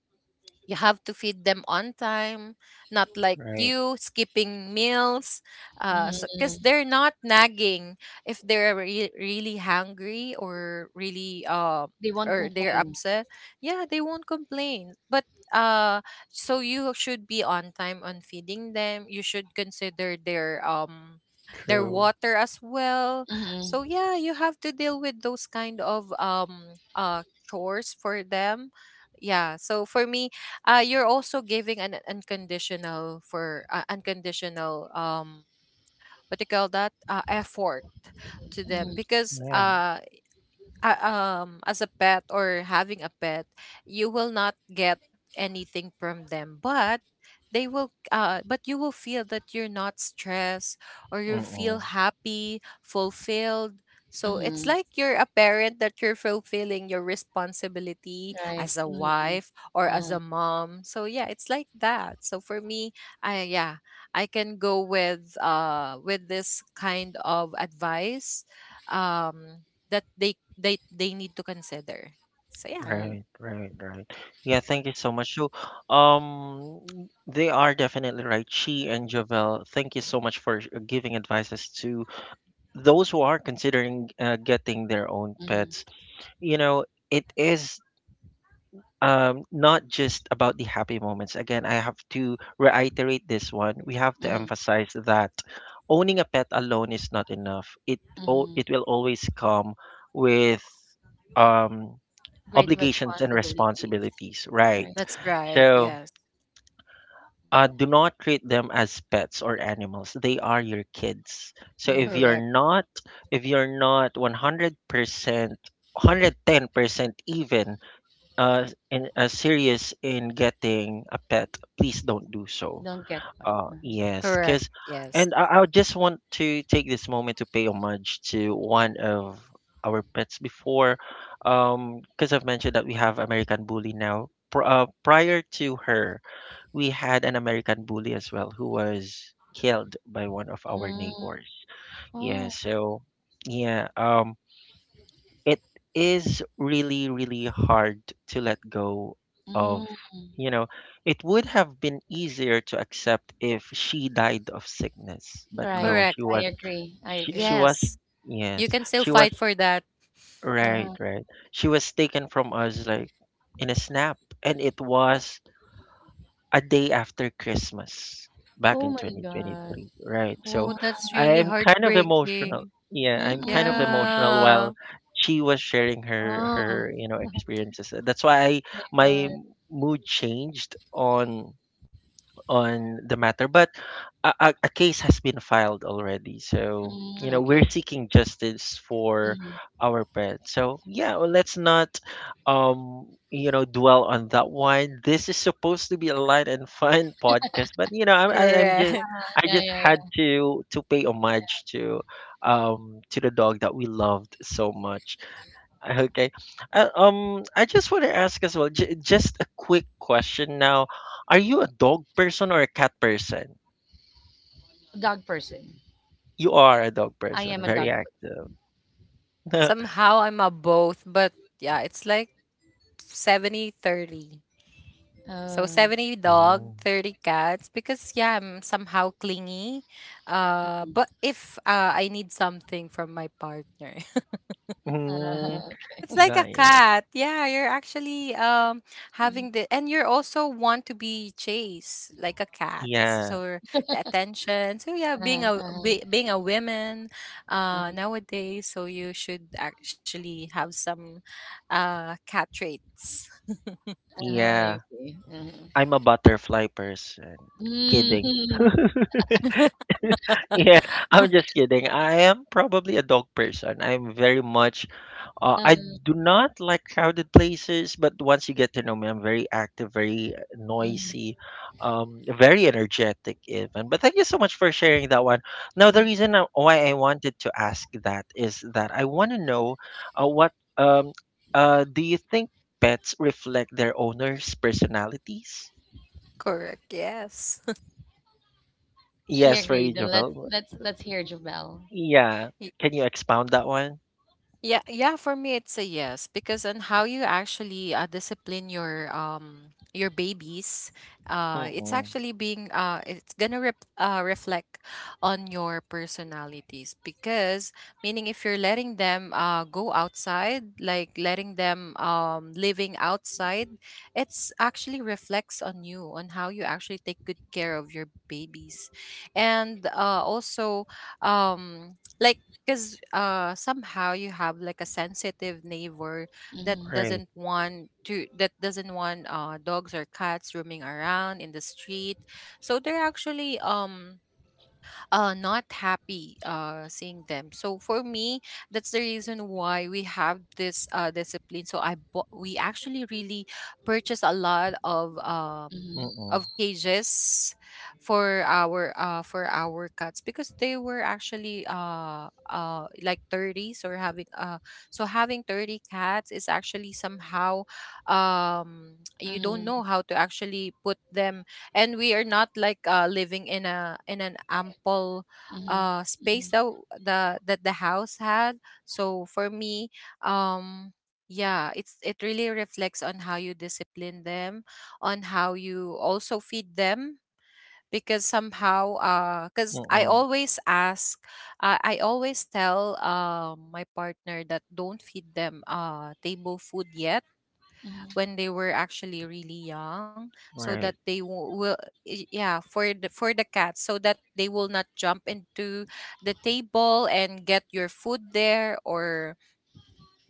S3: you have to feed them on time, not like
S1: Right.
S3: you skipping meals.
S2: mhm,
S3: So because
S2: mhm.
S3: they're not nagging if they're really hungry or really
S2: They won't
S3: or they're
S2: complain.
S3: upset. Yeah, they won't complain. But uh, so you should be on time on feeding them. You should consider their
S1: True.
S3: water as well.
S2: Mhm,
S3: So yeah, you have to deal with those kind of chores for them. Yeah, so for me, you're also giving an unconditional for unconditional what do you call that, effort to
S2: mhm,
S3: them. Because
S1: Yeah.
S3: as a pet or having a pet, you will not get anything from them, but they will but you will feel that you're not stressed, or you feel
S1: Mm-mm.
S3: happy, fulfilled. So it's
S2: mhm.
S3: like you're a parent that you're fulfilling your responsibility
S2: Right.
S3: as a
S2: Mhm,
S3: wife or as
S2: uh-huh.
S3: a mom. So yeah, it's like that. So for me, I yeah, I can go with this kind of advice, um that they need to consider. So yeah.
S2: Right.
S1: Right, right, right. Yeah, thank you so much. So, um, they are definitely right. She and Javel, thank you so much for giving advices to those who are considering getting their own
S2: Mhm,
S1: pets. You know, it is not just about the happy moments. Again, I have to reiterate this one. We have to
S2: mhm,
S1: emphasize that owning a pet alone is not enough. It oh,
S2: mhm.
S1: it will always come with um,
S2: Great
S1: obligations and
S2: responsibilities.
S1: responsibilities, right?
S2: Right.
S3: That's right.
S1: So
S3: Yes.
S1: do not treat them as pets or animals. They are your kids. So
S2: Mhm.
S3: Correct.
S1: if you're not 100% 110% even serious in getting a pet, please don't do so.
S2: Don't get one. Mhm.
S1: Yes,
S3: Correct.
S1: because,
S3: Yes.
S1: and I just want to take this moment to pay homage to one of our pets before, because I've mentioned that we have American Bully now. Prior to her, we had an American Bully as well who was killed by one of our
S2: Mm,
S1: neighbors. Yeah,
S2: oh,
S1: so. Yeah, it is really really hard to let go of,
S2: mm,
S1: you know, it would have been easier to accept if she died of sickness but
S2: right.
S1: no, she
S3: Correct.
S2: I
S1: was,
S2: agree. I
S1: she, she
S2: agree.
S1: was
S3: Yes. You
S1: yes,
S3: can still
S1: she was,
S3: fight for that.
S1: right,
S2: Uh-huh.
S1: right, she was taken from us like in a snap and it was a day after Christmas back
S2: Oh
S1: in
S2: my God.
S1: 2023, right?
S3: Oh,
S1: So
S2: Mm.
S3: that's really
S1: I'm kind of emotional.
S3: heartbreaking.
S1: Yeah, I'm kind of
S2: Mm.
S1: emotional while
S3: Yeah.
S1: she was sharing her
S2: Oh.
S1: you know experiences. That's why
S2: My
S1: my
S2: God.
S1: mood changed on the matter, but a case has been filed already. So, you
S2: Mm,
S1: know, we're
S2: okay.
S1: seeking justice for
S2: Mm.
S1: our pets. So, yeah, well, let's not, you know, dwell on that one. This is supposed to be a light and fun podcast, but you know, I'm just
S3: Correct.
S1: I
S2: Yeah,
S1: just
S2: yeah,
S1: had
S2: yeah.
S1: to pay homage to the dog that we loved so much. Okay. I just want to ask as well, j just a quick question now. Are you a dog person or a cat person?
S2: Dog person.
S1: You are a dog
S2: I
S1: person,
S2: am a
S1: very
S2: dog
S1: active.
S2: person.
S3: Somehow I'm a both, but yeah, it's like 70-30. So
S2: Oh.
S3: 70 dog,
S1: Oh.
S3: 30 cats, because yeah, I'm somehow clingy. But
S2: Mm.
S3: if I need something from my partner,
S1: Mm,
S2: Uh-huh. Okay.
S3: it's like a
S1: got it.
S3: cat. Yeah, you're actually having
S2: Mm.
S3: the, and you're also want to be chased like a cat.
S1: Yeah,
S3: So the attention. So yeah, being
S2: Uh-huh.
S3: a
S2: Uh-huh.
S3: being a woman
S2: Uh-huh.
S3: nowadays, so you should actually have some cat traits.
S2: Uh-huh,
S1: yeah.
S2: I see. Uh-huh.
S1: I'm a butterfly person. Kidding.
S2: Mm.
S1: Yeah, I'm just kidding. I am probably a dog person. I'm very much, I
S2: Uh-huh.
S1: do not like crowded places, but once you get to know me, I'm very active, very noisy,
S2: Mm-hmm.
S1: very energetic even. But thank you so much for sharing that one. Now, the
S2: Mm-hmm.
S1: reason why I wanted to ask that is that I want to know what do you think pets reflect their owners' personalities?
S3: Correct. Yes.
S2: She
S1: Yes, for you,
S2: agreed. Then let's
S1: Jovel.
S2: let's let's hear Jabel.
S1: Yeah. Can you expound that one?
S3: Yeah, yeah, for me it's a yes, because on how you actually discipline your babies,
S1: Mm,
S3: it's
S1: mm,
S3: actually being it's gonna reflect on your personalities. Because meaning, if you're letting them go outside, like letting them living outside, it's actually reflects on you on how you actually take good care of your babies. And also like, because somehow you have like a sensitive neighbor
S1: right.
S2: Mm-hmm.
S3: that doesn't want dogs or cats roaming around in the street. So they're actually not happy seeing them. So for me, that's the reason why we have this discipline. So we actually really purchased a lot
S1: Mm,
S2: Mm-hmm.
S1: mm,
S3: of cages for our cats, because they were actually like 30s, or having so having 30 cats is actually somehow you don't know
S2: Mm-hmm.
S3: how to actually put them. And we are not like living in a in an ample space
S2: Mm-hmm.
S3: that the house had. So for me, um yeah, it's it really reflects on how you discipline them, on how you also feed them. Because somehow,
S1: mm
S3: because I
S1: mm,
S3: always ask, I always tell my partner that don't feed them table food yet
S2: Mm-hmm.
S3: when they were actually really young, so that
S1: right.
S3: will yeah for the cats, so that they will not jump into the table and get your food there, or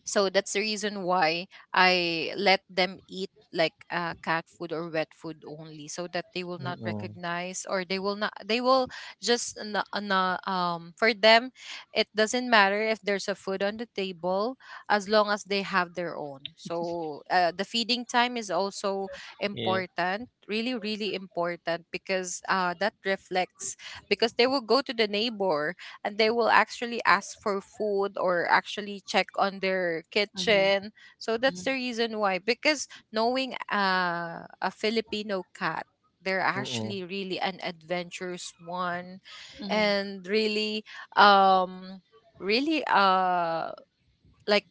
S3: so that's the reason why I let them eat like cat food or wet food only, so that they will
S1: Mm,
S3: not
S1: mm,
S3: recognize, or they will not they will just for them it doesn't matter if there's a food on the table, as long as they have their own. So the feeding time is also
S1: yeah.
S3: important, really, really important, because that reflects, because they will go to the neighbor and they will actually ask for food, or actually check on their
S2: Mm-hmm.
S3: kitchen. So that's the
S2: Mm-hmm.
S3: reason why, because knowing a filipino cat, they're
S1: Mm, mm,
S3: actually really an adventurous one,
S2: Mm-hmm. Mm-hmm.
S3: and really um really uh like,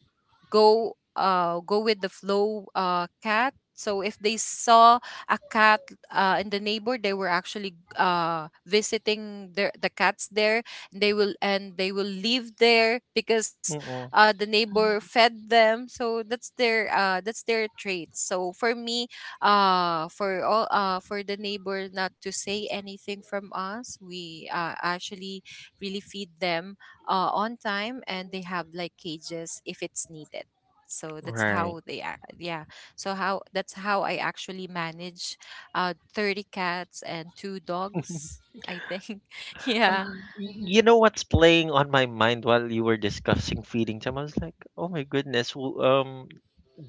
S3: go with the flow cat. So if they saw a cat in the neighbor, they were actually visiting their the cats there. They will live there, because
S1: mm mm,
S3: the neighbor fed them. So that's their traits. So for me, for all for the neighbor not to say anything from us, we actually really feed them on time, and they have like cages if it's needed. So that's
S1: right.
S3: how yeah, so how that's how I actually manage 30 cats and 2 dogs, I think. Yeah.
S2: Mm-hmm. Mm-hmm.
S1: You know what's playing on my mind while you were discussing feeding time? I was like, oh my goodness,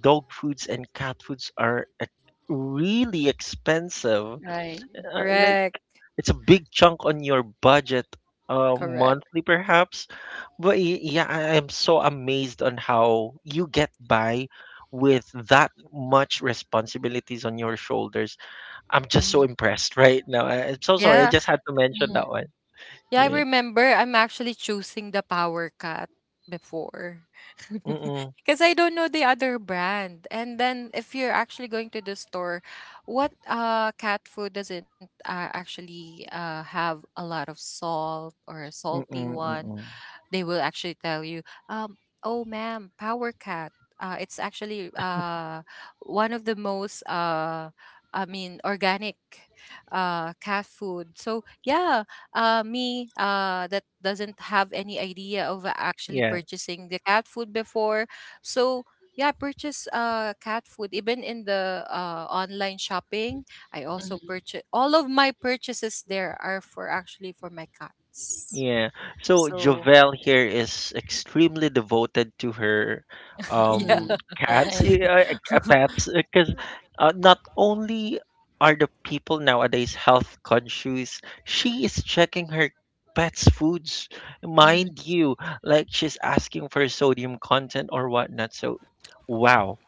S1: dog foods and cat foods are really expensive.
S2: Right.
S1: Like,
S3: Correct.
S1: it's a big chunk on your budget,
S3: Correct.
S1: monthly, perhaps. But yeah, I am so amazed on how you get by with that much responsibilities on your shoulders. I'm just so
S2: Mm-hmm.
S1: impressed right now. I'm so sorry.
S2: Mm-hmm.
S1: I
S3: Yeah.
S1: just had to mention that one.
S3: Yeah, I
S1: Yeah.
S3: remember I'm actually choosing the Power Cut before.
S1: Mm-mm,
S3: Because I don't know the other brand. And then if you're actually going to the store, what cat food doesn't actually have a lot of salt, or a salty
S1: mm-mm,
S3: one?
S1: mm-mm.
S3: They will actually tell you, um, "Oh, ma'am, Power Cat. It's actually one of the most, I mean, organic cat food." So yeah, me that doesn't have any idea of actually
S1: Yeah.
S3: purchasing the cat food before. So yeah, I purchase cat food even in the online shopping. I also
S2: Mm-hmm.
S3: purchase all of my purchases there are for actually for my cats.
S1: Yeah. So
S3: So
S1: Jovel here is extremely devoted to her
S2: Mhm.
S3: Yeah.
S1: cats,
S2: Right.
S1: yeah, pets, because not only are the people nowadays health conscious, she is checking her pets' foods,
S2: Mhm.
S1: mind you, like she's asking for sodium content or whatnot. So, wow.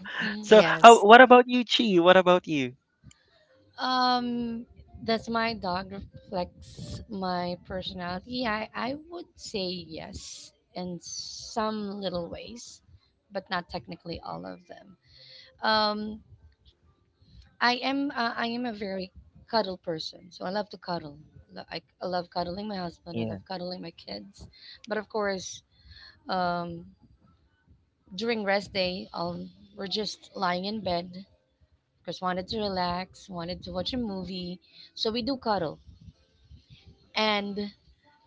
S2: Mhm.
S1: So, what
S3: Yes.
S1: about you, Chi? What about you?
S2: Um, does my dog reflects my personality? I would say yes in some little ways, but not technically all of them. Um, I am a very cuddle person, so I love to cuddle. I love cuddling my husband. I
S1: Yeah.
S2: love cuddling my kids, but of course, um, during rest day, we're just lying in bed because wanted to relax, wanted to watch a movie. So we do cuddle. And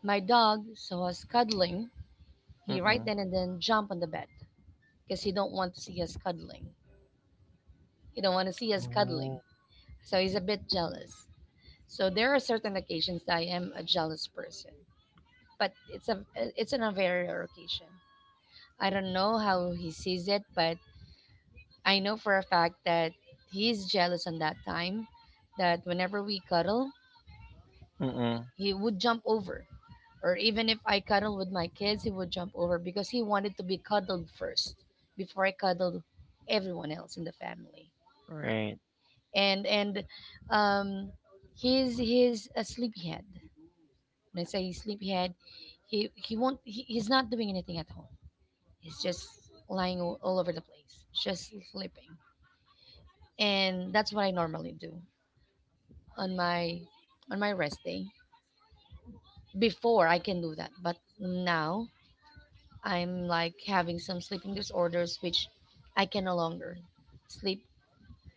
S2: my dog saw us cuddling. He right
S1: Mm-mm.
S2: then and then jump on the bed because he don't want to see us cuddling. He don't want to see us cuddling.
S1: Oh.
S2: So he's a bit jealous. So there are certain occasions that I am a jealous person, but it's on a very rare occasion. I don't know how he sees it, but I know for a fact that he's jealous on that time. That whenever we cuddle,
S1: Mm-mm.
S2: he would jump over, or even if I cuddle with my kids, he would jump over because he wanted to be cuddled first before I cuddled everyone else in the family.
S1: Right.
S2: And um he's a sleepyhead. When I say he's sleepyhead, he won't he, he's not doing anything at home. He's just lying all over the place, just sleeping. And that's what I normally do on my on my rest day. Before I can do that, but now I'm like having some sleeping disorders, which I can no longer sleep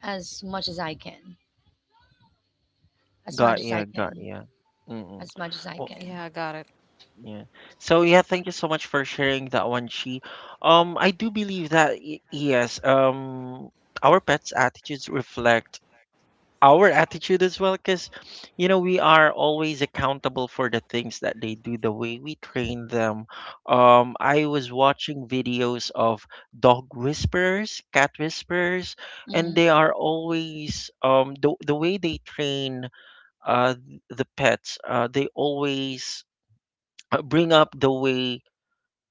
S2: as much as I can, as much
S1: Got
S2: as I
S1: ya. Got
S2: can,
S1: ya. Mm-mm.
S2: as much as I
S1: Oh,
S2: can.
S3: Yeah, I got it.
S1: yeah. So yeah, thank you so much for sharing that one, Chi. I do believe that yes, our pets' attitudes reflect our attitude as well, because you know we are always accountable for the things that they do, the way we train them. I was watching videos of dog whisperers, cat whisperers, and
S2: Mm-hmm,
S1: they are always the way they train the pets they always bring up the way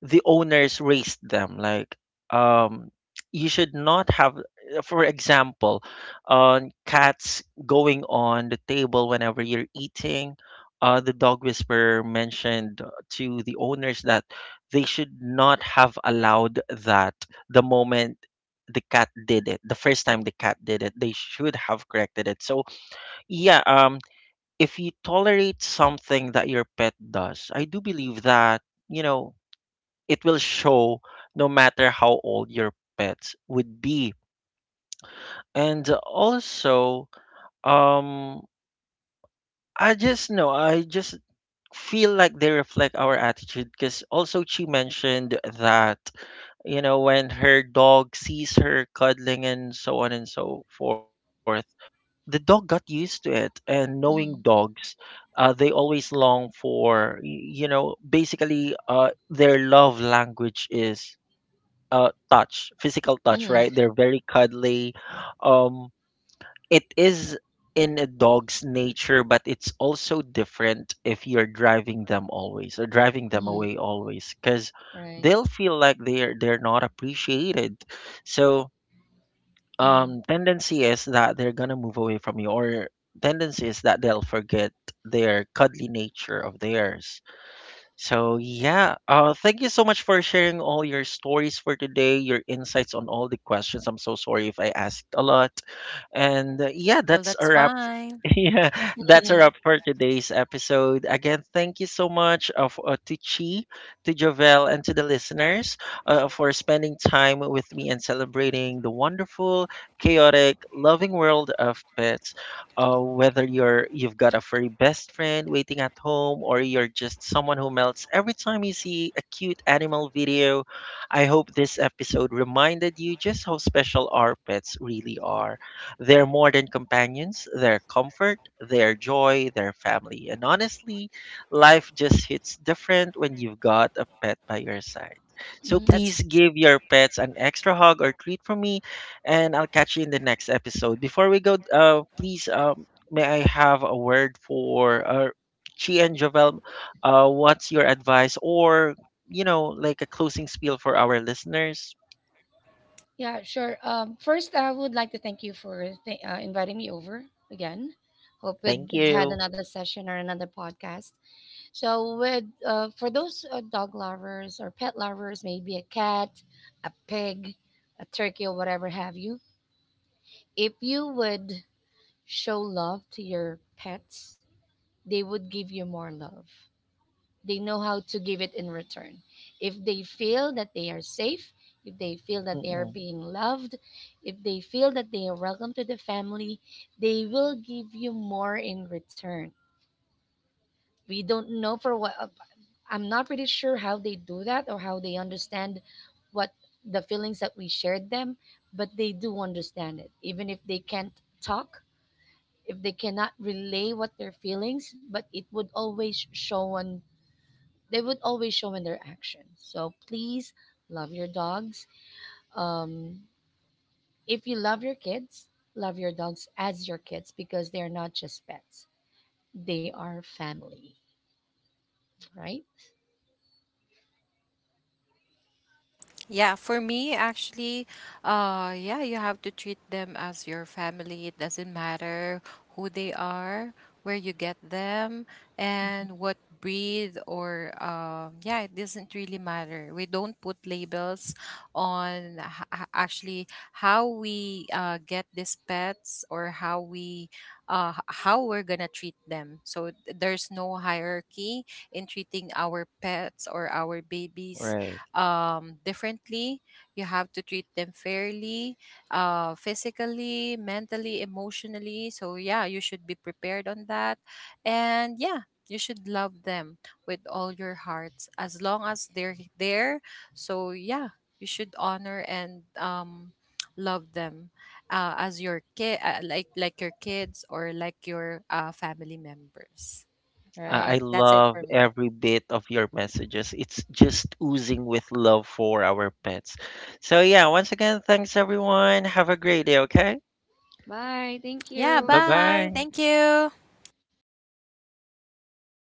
S1: the owners raised them, like, um, you should not have, for example, on cats going on the table whenever you're eating. Uh, the dog whisperer mentioned to the owners that they should not have allowed that. The moment the cat did it, they should have corrected it. So yeah, um, if you tolerate something that your pet does, I do believe that, you know, it will show no matter how old your pets would be. And also, um, I just know, I just feel like they reflect our attitude, because also she mentioned that, you know, when her dog sees her cuddling and so on and so forth, the dog got used to it. And
S2: mm-hmm,
S1: knowing dogs, they always long for you know, basically, their love language is touch, physical touch, right?
S2: mm-hmm,
S1: They're very cuddly, um, it is in a dog's nature, but it's also different if you're driving them always or driving them
S2: mm-hmm,
S1: away always, because
S2: right.
S1: they'll feel like they're not appreciated. So
S2: Mm-hmm,
S1: tendency is that they're gonna move away from you, or tendency is that they'll forget their cuddly nature of theirs. So yeah, thank you so much for sharing all your stories for today, your insights on all the questions. I'm so sorry if I asked a lot. And yeah,
S3: Well,
S1: that's a
S3: that's
S1: wrap.
S3: fine.
S1: Yeah, that's a
S2: mm-hmm,
S1: wrap for today's episode. Again, thank you so much of to Chi, to Jovel, and to the listeners for spending time with me and celebrating the wonderful, chaotic, loving world of pets, whether you've got a furry best friend waiting at home or you're just someone who melts every time you see a cute animal video. I hope this episode reminded you just how special our pets really are. They're more than companions, they're comfort, they're joy, they're family. And honestly, life just hits different when you've got a pet by your side. So
S2: mm-hmm.
S1: please
S3: That's
S1: give your pets an extra hug or treat from me, and I'll catch you in the next episode. Before we go, please, may I have a word for Chi and Jovel? What's your advice, or you know, like a closing spiel for our listeners?
S2: Yeah, sure. First, I would like to thank you for inviting me over again. Hope we
S1: Thank
S2: had
S1: you.
S2: another session or another podcast. So, with for those dog lovers or pet lovers, maybe a cat, a pig, a turkey, or whatever have you. If you would show love to your pets, they would give you more love. They know how to give it in return. If they feel that they are safe, if they feel that they are
S1: Mm-mm.
S2: being loved, if they feel that they are welcome to the family, they will give you more in return. We don't know for what I'm not pretty sure how they do that or how they understand what the feelings that we shared them, but they do understand it. Even if they can't talk, if they cannot relay what their feelings, but it would always show on they would always show in their actions. So please love your dogs. Um, if you love your kids, love your dogs as your kids because they are not just pets; they are family, right?
S3: Yeah, for me, actually, yeah, you have to treat them as your family. It doesn't matter who they are, where you get them,
S2: Mhm.
S3: and what breed, or yeah, it doesn't really matter. We don't put labels on actually how we get these pets, or how we how we're gonna treat them. So there's no hierarchy in treating our pets or our babies
S1: Right.
S3: differently. You have to treat them fairly, physically, mentally, emotionally. So yeah, you should be prepared on that. And yeah, you should love them with all your hearts as long as they're there. So yeah, you should honor and love them as your kid, like your kids, or like your family members.
S1: I
S2: Right.
S3: That's it
S1: love
S3: for me.
S1: every bit of your messages. It's just oozing with love for our pets. So, yeah, once again, thanks everyone. Have a great day, okay?
S2: Bye. Thank
S3: Yeah,
S1: Bye
S2: you.
S3: bye.
S1: bye.
S3: Thank you.